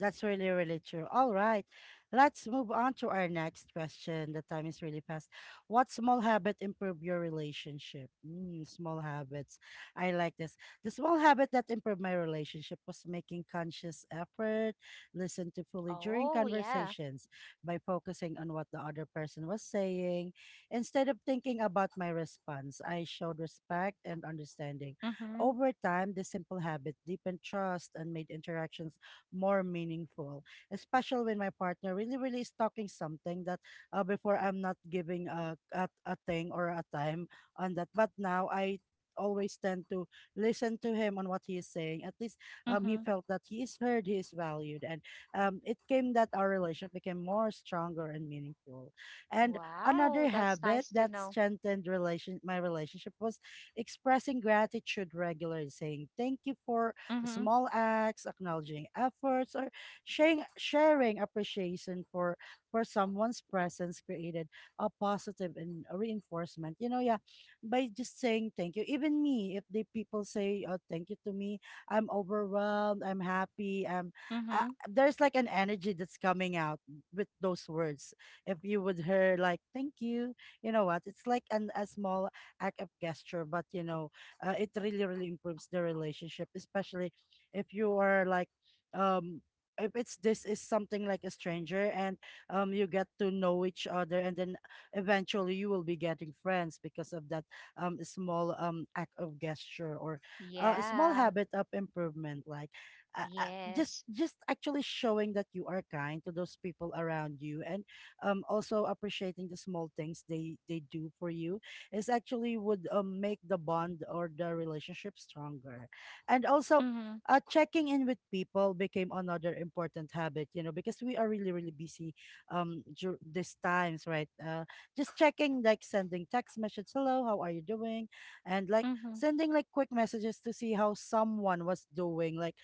[SPEAKER 1] That's really, really true. All right. Let's move on to our next question. The time is really fast. What small habit improve your relationship? Mm, small habits. I like this. The small habit that improved my relationship was making conscious effort, listen to fully during
[SPEAKER 2] Oh yeah.
[SPEAKER 1] conversations by focusing on what the other person was saying. Instead of thinking about my response, I showed respect and understanding.
[SPEAKER 2] Mhm.
[SPEAKER 1] Over time, this simple habit deepened trust and made interactions more meaningful, especially when my partner really, really is talking something that before I'm not giving a thing or a time on that. But now I always tend to listen to him on what he is saying. At least he
[SPEAKER 2] Mhm.
[SPEAKER 1] felt that he is heard, he is valued. And it came that our relationship became more stronger and meaningful. And
[SPEAKER 2] Wow,
[SPEAKER 1] another
[SPEAKER 2] that's
[SPEAKER 1] habit
[SPEAKER 2] nice to
[SPEAKER 1] that
[SPEAKER 2] know.
[SPEAKER 1] strengthened relation my relationship was expressing gratitude regularly, saying thank you for
[SPEAKER 2] Mhm.
[SPEAKER 1] small acts, acknowledging efforts, or sharing appreciation for someone's presence created a positive and a reinforcement. You know, yeah, by just saying thank you. Even me, if the people say thank you to me, I'm overwhelmed, I'm happy, I'm
[SPEAKER 2] Mhm.
[SPEAKER 1] there's like an energy that's coming out with those words. If you would hear like thank you, you know what? It's like an a small act of gesture, but you know, it really really improves the relationship, especially if you are like um if it's this is something like a stranger and you get to know each other and then eventually you will be getting friends because of that small act of gesture or a small
[SPEAKER 2] Yeah.
[SPEAKER 1] habit of improvement like just
[SPEAKER 2] Yes.
[SPEAKER 1] actually showing that you are kind to those people around you and also appreciating the small things they do for you is actually would make the bond or the relationship stronger and also
[SPEAKER 2] Mhm.
[SPEAKER 1] checking in with people became another important habit, you know, because we are really, really busy these times, right? Just checking, like sending text messages, hello, how are you doing? And like
[SPEAKER 2] Mhm.
[SPEAKER 1] sending like quick messages to see how someone was doing, like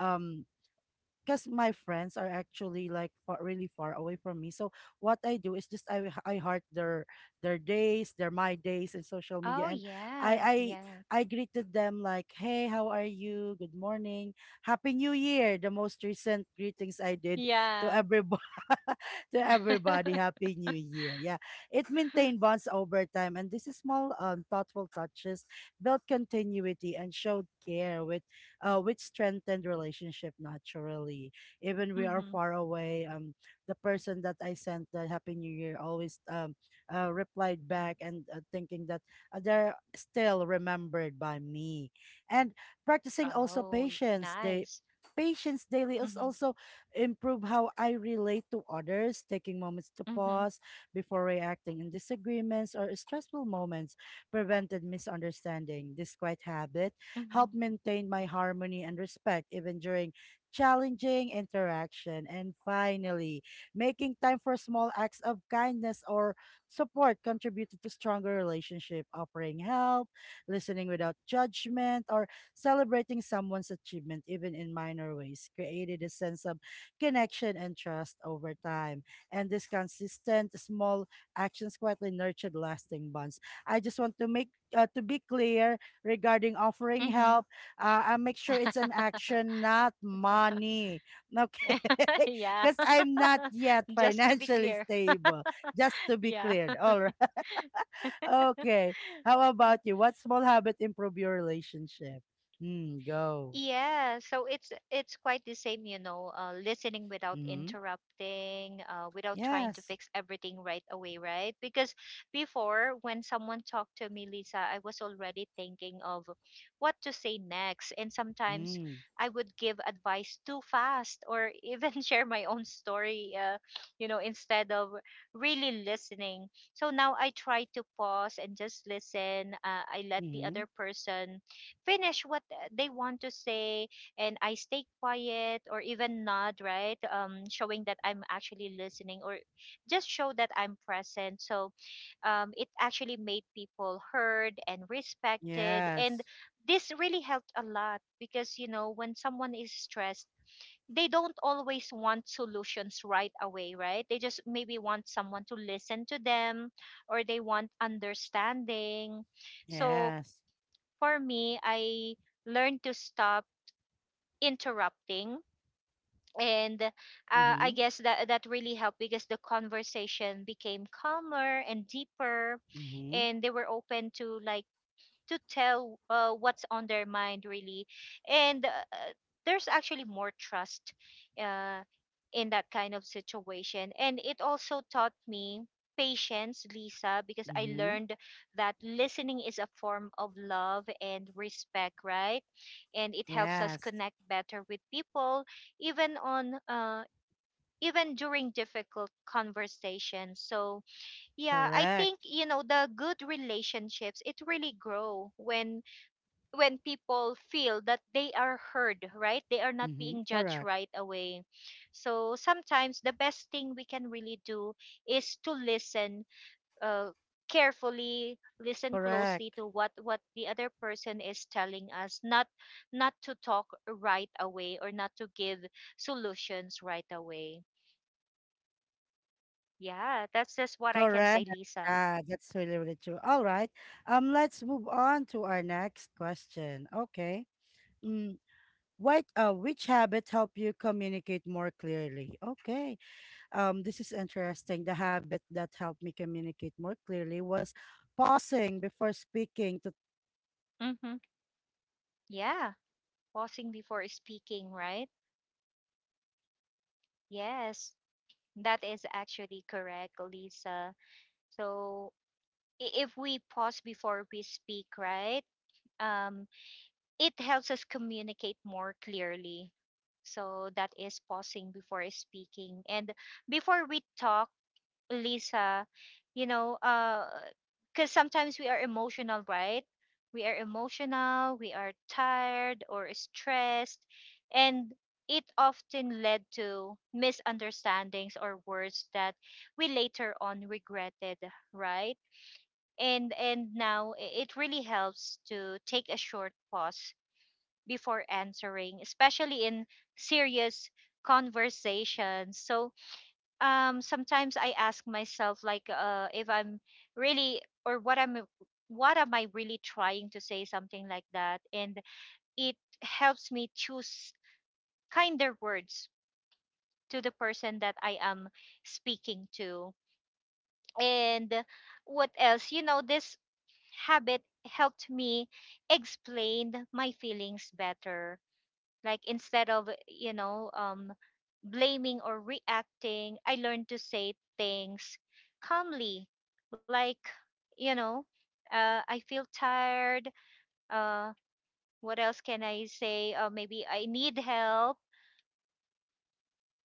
[SPEAKER 1] um because my friends are actually like far, really far away from me. So what I do is just I heart their days, their my days in social
[SPEAKER 2] Oh
[SPEAKER 1] media, and
[SPEAKER 2] yeah.
[SPEAKER 1] I
[SPEAKER 2] Yeah.
[SPEAKER 1] I greeted them like, hey, how are you? Good morning, happy New Year. The most recent greetings I did to
[SPEAKER 2] Yeah.
[SPEAKER 1] everybody to everybody, happy New Year. Yeah, it maintained bonds over time, and this is small thoughtful touches built continuity and showed care which strengthened relationship naturally. Even we are
[SPEAKER 2] Mhm.
[SPEAKER 1] far away, the person that I sent the Happy New Year always replied back and thinking that they're still remembered by me. And practicing also
[SPEAKER 2] Oh, y- nice.
[SPEAKER 1] patience daily is
[SPEAKER 2] Mm-hmm.
[SPEAKER 1] also improve how I relate to others, taking moments to
[SPEAKER 2] Mm-hmm.
[SPEAKER 1] pause before reacting in disagreements or stressful moments prevented misunderstanding. This quiet habit help
[SPEAKER 2] Mm-hmm.
[SPEAKER 1] maintain my harmony and respect even during challenging interaction. And finally, making time for small acts of kindness or support contributed to stronger relationship, offering help, listening without judgment, or celebrating someone's achievement, even in minor ways, created a sense of connection and trust over time. And these consistent small actions quietly nurtured lasting bonds. I just want to make to be clear regarding offering
[SPEAKER 2] Mm-hmm.
[SPEAKER 1] help. I make sure it's an action, not money. Okay,
[SPEAKER 2] Yeah,
[SPEAKER 1] because I'm not yet
[SPEAKER 2] just to be
[SPEAKER 1] financially
[SPEAKER 2] clear.
[SPEAKER 1] stable. Just to be
[SPEAKER 2] Yeah.
[SPEAKER 1] cleared. All right. Okay. How about you? What small habit improve your relationship? Hmm. Go.
[SPEAKER 2] Yeah, so it's quite the same, you know, listening without
[SPEAKER 1] Hmm.
[SPEAKER 2] interrupting, without trying to
[SPEAKER 1] Yes.
[SPEAKER 2] fix everything right away, right? Because before, when someone talked to me, Lisa, I was already thinking of what to say next, and sometimes
[SPEAKER 1] Hmm.
[SPEAKER 2] I would give advice too fast, or even share my own story, you know, instead of really listening. So now I try to pause and just listen. I let the other
[SPEAKER 1] Hmm.
[SPEAKER 2] person finish what they want to say, and I stay quiet or even nod, right? Showing that I'm actually listening or just show that I'm present. So it actually made people heard and respected. And
[SPEAKER 1] Yes.
[SPEAKER 2] this really helped a lot because, you know, when someone is stressed, they don't always want solutions right away, right? They just maybe want someone to listen to them or they want understanding. So
[SPEAKER 1] Yes.
[SPEAKER 2] for me, I learned to stop interrupting. And I
[SPEAKER 1] Mm-hmm.
[SPEAKER 2] guess that really helped because the conversation became calmer and deeper,
[SPEAKER 1] Mm-hmm.
[SPEAKER 2] and they were open to like to tell what's on their mind really and there's actually more trust uh, in that kind of situation, and it also taught me patience, Lisa, because I
[SPEAKER 1] Mm-hmm.
[SPEAKER 2] learned that listening is a form of love and respect, right? And it helps us
[SPEAKER 1] Yes.
[SPEAKER 2] connect better with people even on even during difficult conversations. So yeah, I think,
[SPEAKER 1] Correct.
[SPEAKER 2] you know, the good relationships, it really grow when people feel that they are heard, right? They are not
[SPEAKER 1] Mm-hmm.
[SPEAKER 2] being judged
[SPEAKER 1] Correct.
[SPEAKER 2] right away. So sometimes the best thing we can really do is to listen, uh, carefully, listen closely
[SPEAKER 1] Correct.
[SPEAKER 2] to what the other person is telling us, not not to talk right away or not to give solutions right away. Yeah, that's just what I can
[SPEAKER 1] Correct.
[SPEAKER 2] say, Lisa.
[SPEAKER 1] Yeah, that's really, really true. All right. Let's move on to our next question. Okay. Mm, what which habit help you communicate more clearly? Okay. This is interesting. The habit that helped me communicate more clearly was pausing before speaking to.
[SPEAKER 2] Mm-hmm. Yeah, pausing before speaking, right? Yes. That is actually correct, Lisa. So if we pause before we speak, right, um, it helps us communicate more clearly. So that is pausing before speaking. And before we talk, Lisa, you know, because sometimes we are emotional, right? We are emotional, we are tired or stressed, and it often led to misunderstandings or words that we later on regretted, right? And now it really helps to take a short pause before answering, especially in serious conversations. So sometimes I ask myself like if I'm really or what I'm what am I really trying to say, something like that, and it helps me choose kinder words to the person that I am speaking to. And what else, you know, this habit helped me explain my feelings better, like instead of, you know, blaming or reacting, I learned to say things calmly, like, you know, I feel tired, uh, what else can I say, maybe I need help.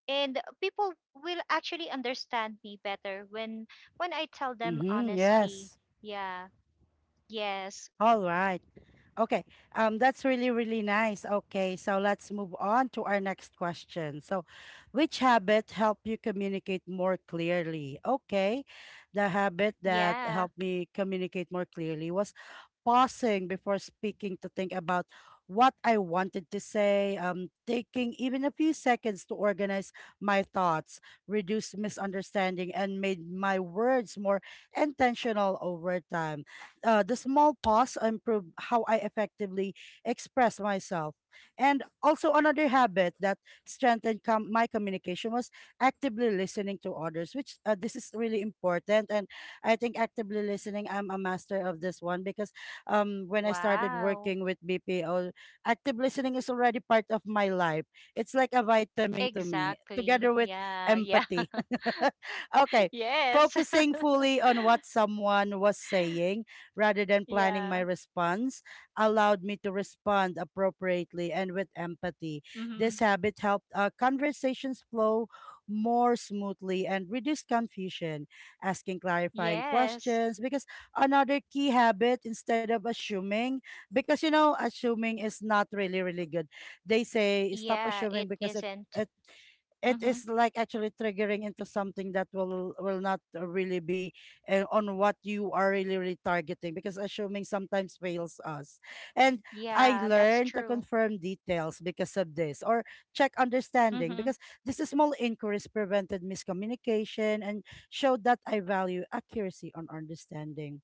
[SPEAKER 2] And people will actually understand me better when I tell them
[SPEAKER 1] Mm-hmm,
[SPEAKER 2] honestly.
[SPEAKER 1] yes.
[SPEAKER 2] Yeah. Yes.
[SPEAKER 1] All right. Okay. That's really, really nice. Okay, so let's move on to our next question. So, which habit help you communicate more clearly? Okay, the habit that
[SPEAKER 2] Yeah.
[SPEAKER 1] helped me communicate more clearly was pausing before speaking to think about what I wanted to say, taking even a few seconds to organize my thoughts, reduced misunderstanding, and made my words more intentional over time. The small pause improved how I effectively express myself. And also, another habit that strengthened my communication was actively listening to others, which this is really important. And I think actively listening, I'm a master of this one because when I started
[SPEAKER 2] Wow.
[SPEAKER 1] working with BPO, active listening is already part of my life. It's like a vitamin to me,
[SPEAKER 2] Exactly,
[SPEAKER 1] together with
[SPEAKER 2] yeah, yeah.
[SPEAKER 1] empathy. Okay,
[SPEAKER 2] Yes.
[SPEAKER 1] focusing fully on what someone was saying rather than planning my
[SPEAKER 2] Yeah.
[SPEAKER 1] response allowed me to respond appropriately and with empathy.
[SPEAKER 2] Mm-hmm.
[SPEAKER 1] This habit helped conversations flow more smoothly and reduced confusion, asking clarifying
[SPEAKER 2] Yes.
[SPEAKER 1] questions because another key habit instead of assuming, because you know assuming is not really really good. They say stop
[SPEAKER 2] Yeah,
[SPEAKER 1] assuming
[SPEAKER 2] it
[SPEAKER 1] because it
[SPEAKER 2] isn't.
[SPEAKER 1] it it
[SPEAKER 2] Mm-hmm.
[SPEAKER 1] is like actually triggering into something that will not really be on what you are really really targeting, because assuming sometimes fails us. And I
[SPEAKER 2] Yeah, that's
[SPEAKER 1] learned to
[SPEAKER 2] true.
[SPEAKER 1] confirm details because of this, or check understanding,
[SPEAKER 2] Mm-hmm.
[SPEAKER 1] because these small inquiries prevented miscommunication and showed that I value accuracy on understanding.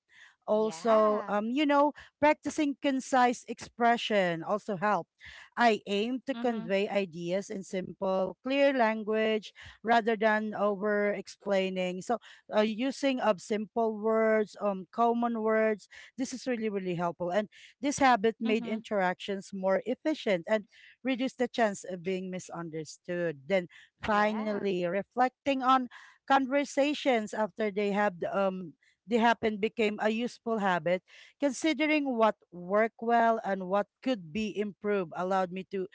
[SPEAKER 1] Also,
[SPEAKER 2] Yeah.
[SPEAKER 1] you know, practicing concise expression also helps. I aim to
[SPEAKER 2] Mm-hmm.
[SPEAKER 1] convey ideas in simple, clear language rather than over explaining. So, using of simple words, common words, this is really, really helpful. And this habit made
[SPEAKER 2] Mm-hmm.
[SPEAKER 1] interactions more efficient and reduced the chance of being misunderstood. Then,
[SPEAKER 2] Yeah.
[SPEAKER 1] finally, reflecting on conversations after they have they happen became a useful habit. Considering what worked well and what could be improved allowed me to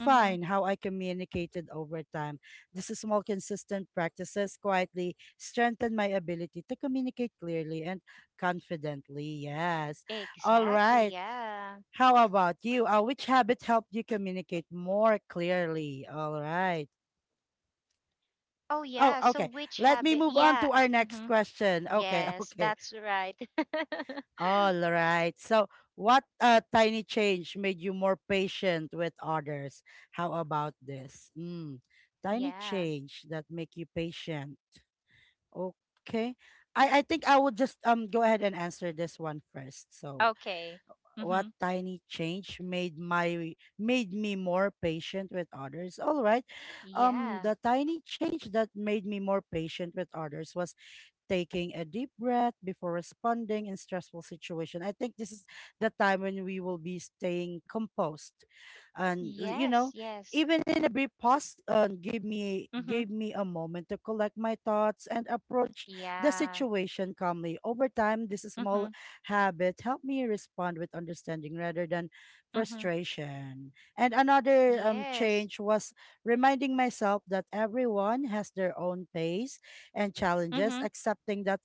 [SPEAKER 2] Mm-hmm.
[SPEAKER 1] how I communicated over time. These small, consistent practices quietly strengthened my ability to communicate clearly and confidently. Yes. All
[SPEAKER 2] Exactly.
[SPEAKER 1] right.
[SPEAKER 2] Yeah.
[SPEAKER 1] How about you? Which habit helped you communicate more clearly? All right.
[SPEAKER 2] Oh,
[SPEAKER 1] Oh,
[SPEAKER 2] yeah. So
[SPEAKER 1] okay.
[SPEAKER 2] which
[SPEAKER 1] Let me
[SPEAKER 2] habit?
[SPEAKER 1] move on
[SPEAKER 2] Yeah.
[SPEAKER 1] to our next
[SPEAKER 2] Mm-hmm.
[SPEAKER 1] question. Okay,
[SPEAKER 2] Yes,
[SPEAKER 1] okay.
[SPEAKER 2] that's right.
[SPEAKER 1] All right. So, what tiny change made you more patient with others? How about this? Mm, tiny
[SPEAKER 2] Yeah.
[SPEAKER 1] change that make you patient. Okay. I think I would just go ahead and answer this one first. So,
[SPEAKER 2] Okay.
[SPEAKER 1] what
[SPEAKER 2] Mm-hmm.
[SPEAKER 1] tiny change made me more patient with others? All right.
[SPEAKER 2] Yeah.
[SPEAKER 1] The tiny change that made me more patient with others was taking a deep breath before responding in stressful situation. I think this is the time when we will be staying composed, and you
[SPEAKER 2] Yes.
[SPEAKER 1] know,
[SPEAKER 2] Yes.
[SPEAKER 1] even in a brief pause, give me
[SPEAKER 2] Mm-hmm.
[SPEAKER 1] gave me a moment to collect my thoughts and approach the
[SPEAKER 2] Yeah.
[SPEAKER 1] situation calmly. Over time, this small
[SPEAKER 2] Mm-hmm.
[SPEAKER 1] habit helped me respond with understanding rather than
[SPEAKER 2] Mm-hmm.
[SPEAKER 1] frustration. And another
[SPEAKER 2] Yes.
[SPEAKER 1] change was reminding myself that everyone has their own pace and challenges,
[SPEAKER 2] Mm-hmm.
[SPEAKER 1] accepting that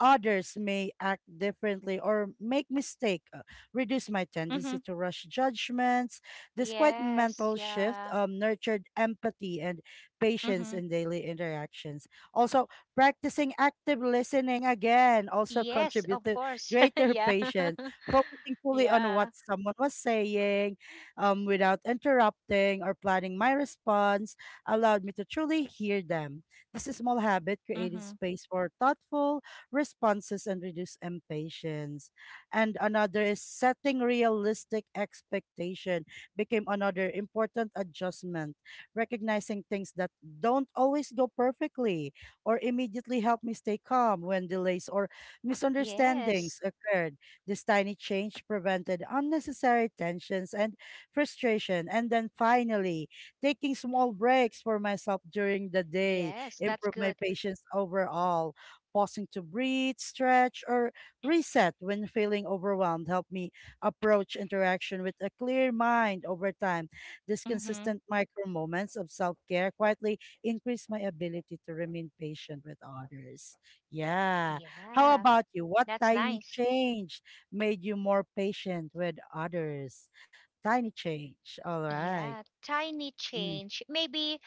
[SPEAKER 1] others may act differently or make mistake reduce my
[SPEAKER 2] Mm-hmm.
[SPEAKER 1] tendency to rush judgments. This quiet
[SPEAKER 2] Yes,
[SPEAKER 1] mental shift
[SPEAKER 2] yeah.
[SPEAKER 1] nurtured empathy and patience
[SPEAKER 2] Mm-hmm.
[SPEAKER 1] in daily interactions. Also, practicing active listening again also
[SPEAKER 2] Yes,
[SPEAKER 1] contribute
[SPEAKER 2] of
[SPEAKER 1] to
[SPEAKER 2] course.
[SPEAKER 1] greater
[SPEAKER 2] Yeah.
[SPEAKER 1] patience, focusing fully on what
[SPEAKER 2] Yeah.
[SPEAKER 1] someone was saying without interrupting or planning my response, allowed me to truly hear them. This small habit
[SPEAKER 2] Mm-hmm.
[SPEAKER 1] created space for thoughtful responses and reduced impatience. And another is setting realistic expectation became another important adjustment. Recognizing things that don't always go perfectly or immediately help me stay calm when delays or
[SPEAKER 2] Yes.
[SPEAKER 1] misunderstandings occurred. This tiny change prevented unnecessary tensions and frustration. And then finally, taking small breaks for myself during the day
[SPEAKER 2] Yes, that's
[SPEAKER 1] improve
[SPEAKER 2] good.
[SPEAKER 1] my patience overall. Pausing to breathe, stretch, or reset when feeling overwhelmed help me approach interaction with a clear mind over time. These
[SPEAKER 2] Mm-hmm.
[SPEAKER 1] consistent micro moments of self care quietly increase my ability to remain patient with others. Yeah. How
[SPEAKER 2] Yeah.
[SPEAKER 1] about you? What
[SPEAKER 2] That's
[SPEAKER 1] tiny
[SPEAKER 2] nice.
[SPEAKER 1] change made you more patient with others? Tiny change. All right.
[SPEAKER 2] Yeah. Tiny
[SPEAKER 1] Mm.
[SPEAKER 2] change. Maybe,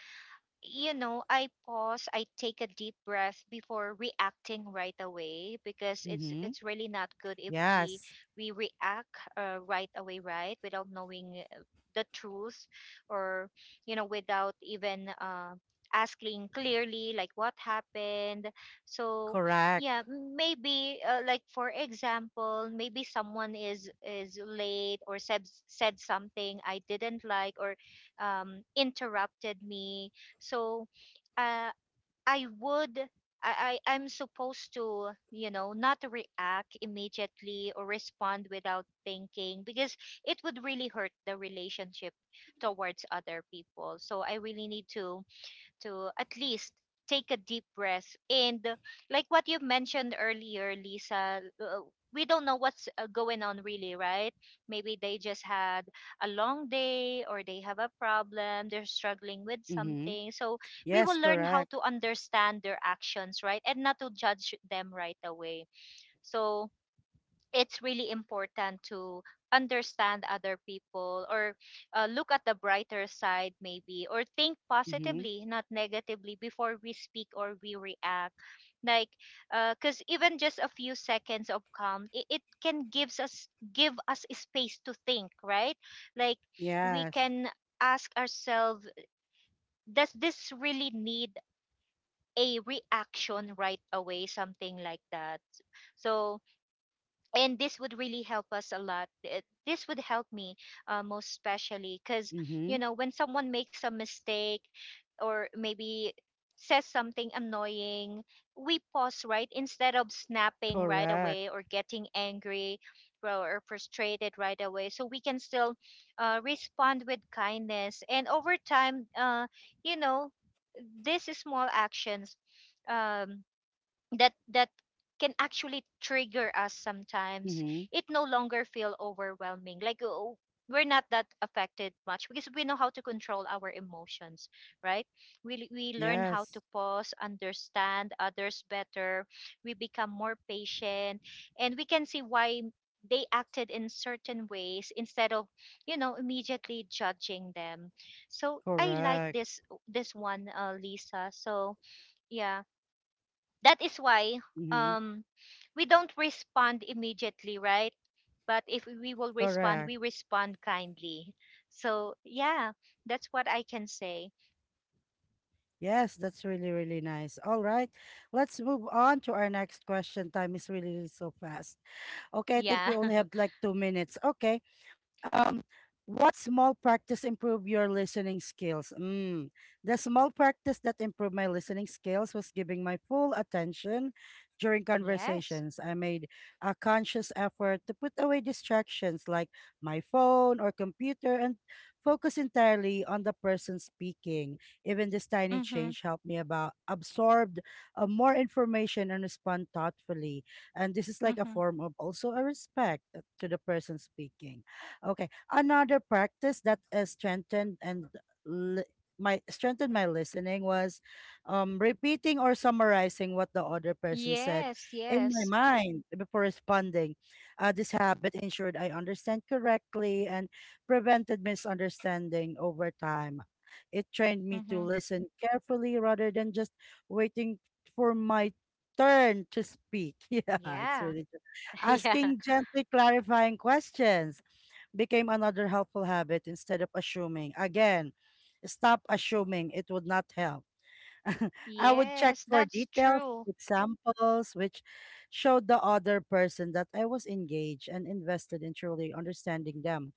[SPEAKER 2] you know, I pause, I take a deep breath before reacting right away because
[SPEAKER 1] Mm-hmm.
[SPEAKER 2] it's really not good if we
[SPEAKER 1] Yes,
[SPEAKER 2] we react right away, right, without knowing the truth or, you know, without even asking clearly like what happened. So
[SPEAKER 1] correct.
[SPEAKER 2] yeah, maybe like for example, maybe someone is late or said something I didn't like or interrupted me. So uh, I would I'm supposed to, you know, not react immediately or respond without thinking because it would really hurt the relationship towards other people. So I really need to at least take a deep breath and like what you mentioned earlier, Lisa, we don't know what's going on really, right? Maybe they just had a long day or they have a problem, they're struggling with
[SPEAKER 1] Mm-hmm.
[SPEAKER 2] something. So we
[SPEAKER 1] Yes,
[SPEAKER 2] will learn how
[SPEAKER 1] correct.
[SPEAKER 2] to understand their actions, right, and not to judge them right away. So it's really important to understand other people or look at the brighter side maybe, or think
[SPEAKER 1] Mm-hmm.
[SPEAKER 2] positively, not negatively, before we speak or we react. Like, because even just a few seconds of calm, it can gives us give us a space to think, right? Like we
[SPEAKER 1] Yes.
[SPEAKER 2] can ask ourselves, does this really need a reaction right away, something like that. So and this would really help us a lot. This would help me most especially because,
[SPEAKER 1] Mm-hmm.
[SPEAKER 2] you know, when someone makes a mistake or maybe says something annoying, we pause, right, instead of snapping right
[SPEAKER 1] Correct.
[SPEAKER 2] away or getting angry or frustrated right away, so we can still respond with kindness. And over time, you know, these small actions, um, that can actually trigger us sometimes,
[SPEAKER 1] Mm-hmm.
[SPEAKER 2] it no longer feel overwhelming, like, oh, we're not that affected much because we know how to control our emotions, right? We learn how to
[SPEAKER 1] Yes.
[SPEAKER 2] pause, understand others better, we become more patient, and we can see why they acted in certain ways instead of, you know, immediately judging them. So I like
[SPEAKER 1] Correct.
[SPEAKER 2] this one, Lisa. So yeah, that is why
[SPEAKER 1] Mm-hmm.
[SPEAKER 2] um we don't respond immediately, right, but if we will respond,
[SPEAKER 1] Correct.
[SPEAKER 2] we respond kindly. So yeah, that's what I can say.
[SPEAKER 1] Yes, that's really, really nice. All right. Let's move on to our next question. Time is really really so fast. Okay, I think we
[SPEAKER 2] Yeah.
[SPEAKER 1] only have like two minutes. Okay. Um, what small practice improve your listening skills? Mm. The small practice that improved my listening skills was giving my full attention during
[SPEAKER 2] Yes.
[SPEAKER 1] conversations. I made a conscious effort to put away distractions like my phone or computer and focus entirely on the person speaking. Even this tiny
[SPEAKER 2] Mhm.
[SPEAKER 1] change helped me about absorbed more information and respond thoughtfully. And this is like a
[SPEAKER 2] Mhm.
[SPEAKER 1] form of also a respect to the person speaking. Okay. Another practice that is strengthened and li- my listening was repeating or summarizing what the other person said
[SPEAKER 2] Yes.
[SPEAKER 1] in my
[SPEAKER 2] Yes.
[SPEAKER 1] mind before responding. This habit ensured I understand correctly and prevented misunderstanding over time. It trained me to
[SPEAKER 2] Mhm.
[SPEAKER 1] listen carefully rather than just waiting for my turn to speak. Yeah, it's
[SPEAKER 2] Yeah.
[SPEAKER 1] really true.
[SPEAKER 2] Yeah.
[SPEAKER 1] Asking gently clarifying questions became another helpful habit instead of assuming. Again, stop assuming, it would not help. I would check
[SPEAKER 2] Yes,
[SPEAKER 1] for
[SPEAKER 2] that's
[SPEAKER 1] details,
[SPEAKER 2] true.
[SPEAKER 1] examples, which showed the other person that I was engaged and invested in truly understanding them.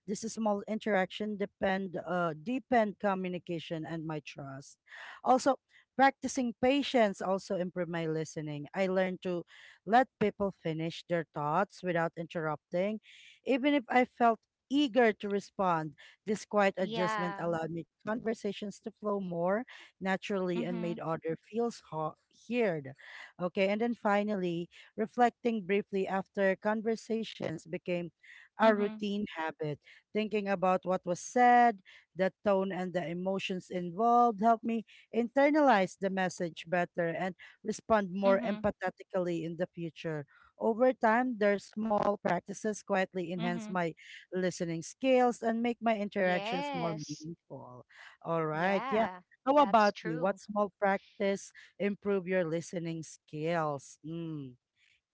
[SPEAKER 1] This is small interaction depend deepen communication and my trust. Also, practicing patience also improve my listening. I learned to let people finish their thoughts without interrupting, even if I felt eager to respond. This quiet adjustment
[SPEAKER 2] Yeah.
[SPEAKER 1] allowed me conversations to flow more naturally and made
[SPEAKER 2] Mhm.
[SPEAKER 1] other feels heard. Okay, and then finally, reflecting briefly after conversations became a
[SPEAKER 2] Mhm.
[SPEAKER 1] routine habit. Thinking about what was said, the tone, and the emotions involved helped me internalize the message better and respond more
[SPEAKER 2] Mhm.
[SPEAKER 1] empathetically in the future. Over time, their small practices quietly enhance
[SPEAKER 2] Mhm.
[SPEAKER 1] my listening skills and make my interactions more
[SPEAKER 2] Yes,
[SPEAKER 1] meaningful. All right. Yeah.
[SPEAKER 2] yeah.
[SPEAKER 1] How
[SPEAKER 2] That's
[SPEAKER 1] about you?
[SPEAKER 2] true.
[SPEAKER 1] What small practice improve your listening skills? Mm.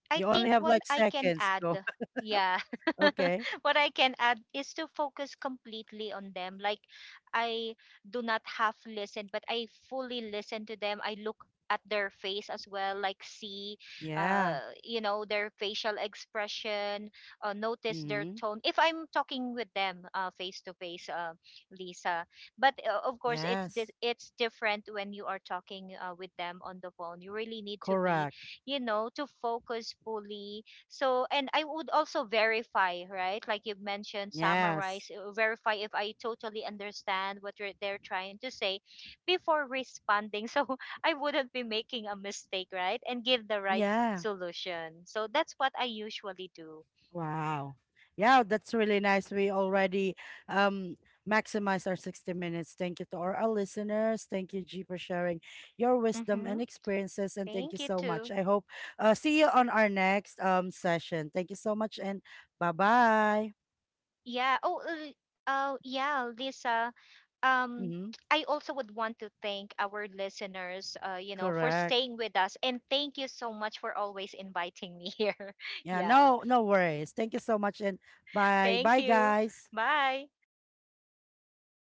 [SPEAKER 2] I
[SPEAKER 1] You only
[SPEAKER 2] think
[SPEAKER 1] have
[SPEAKER 2] what
[SPEAKER 1] like
[SPEAKER 2] I can
[SPEAKER 1] seconds. Go.
[SPEAKER 2] add, yeah,
[SPEAKER 1] Okay.
[SPEAKER 2] what I can add is to focus completely on them. Like, I do not half listen, but I fully listen to them. I look at their face as well, like, see,
[SPEAKER 1] Yeah.
[SPEAKER 2] you know, their facial expression, notice their
[SPEAKER 1] Mm-hmm.
[SPEAKER 2] tone. If I'm talking with them face to face, Lisa, but of course, it's,
[SPEAKER 1] Yes.
[SPEAKER 2] it's different when you are talking with them on the phone. You really need to be,
[SPEAKER 1] Correct.
[SPEAKER 2] you know, to focus fully. So and I would also verify, right, like you mentioned,
[SPEAKER 1] Yes.
[SPEAKER 2] summarize, verify if I totally understand what you're, they're trying to say before responding. So I wouldn't be making a mistake, right, and give the right
[SPEAKER 1] Yeah.
[SPEAKER 2] solution. So that's what I usually do.
[SPEAKER 1] Wow. Yeah, that's really nice. We already um maximize our 60 minutes. Thank you to all our listeners. Thank you, G, for sharing your wisdom
[SPEAKER 2] Mm-hmm.
[SPEAKER 1] and experiences. And thank you
[SPEAKER 2] Thank you
[SPEAKER 1] so much.
[SPEAKER 2] too.
[SPEAKER 1] I hope see you on our next session. Thank you so much and bye bye.
[SPEAKER 2] Yeah. Oh, oh, yeah, Lisa. Um,
[SPEAKER 1] Mm-hmm.
[SPEAKER 2] I also would want to thank our listeners, you know, for
[SPEAKER 1] Correct.
[SPEAKER 2] staying with us, and thank you so much for always inviting me here.
[SPEAKER 1] Yeah,
[SPEAKER 2] Yeah.
[SPEAKER 1] no, no worries. Thank you so much and bye.
[SPEAKER 2] Thank
[SPEAKER 1] Bye
[SPEAKER 2] you.
[SPEAKER 1] guys.
[SPEAKER 2] Bye.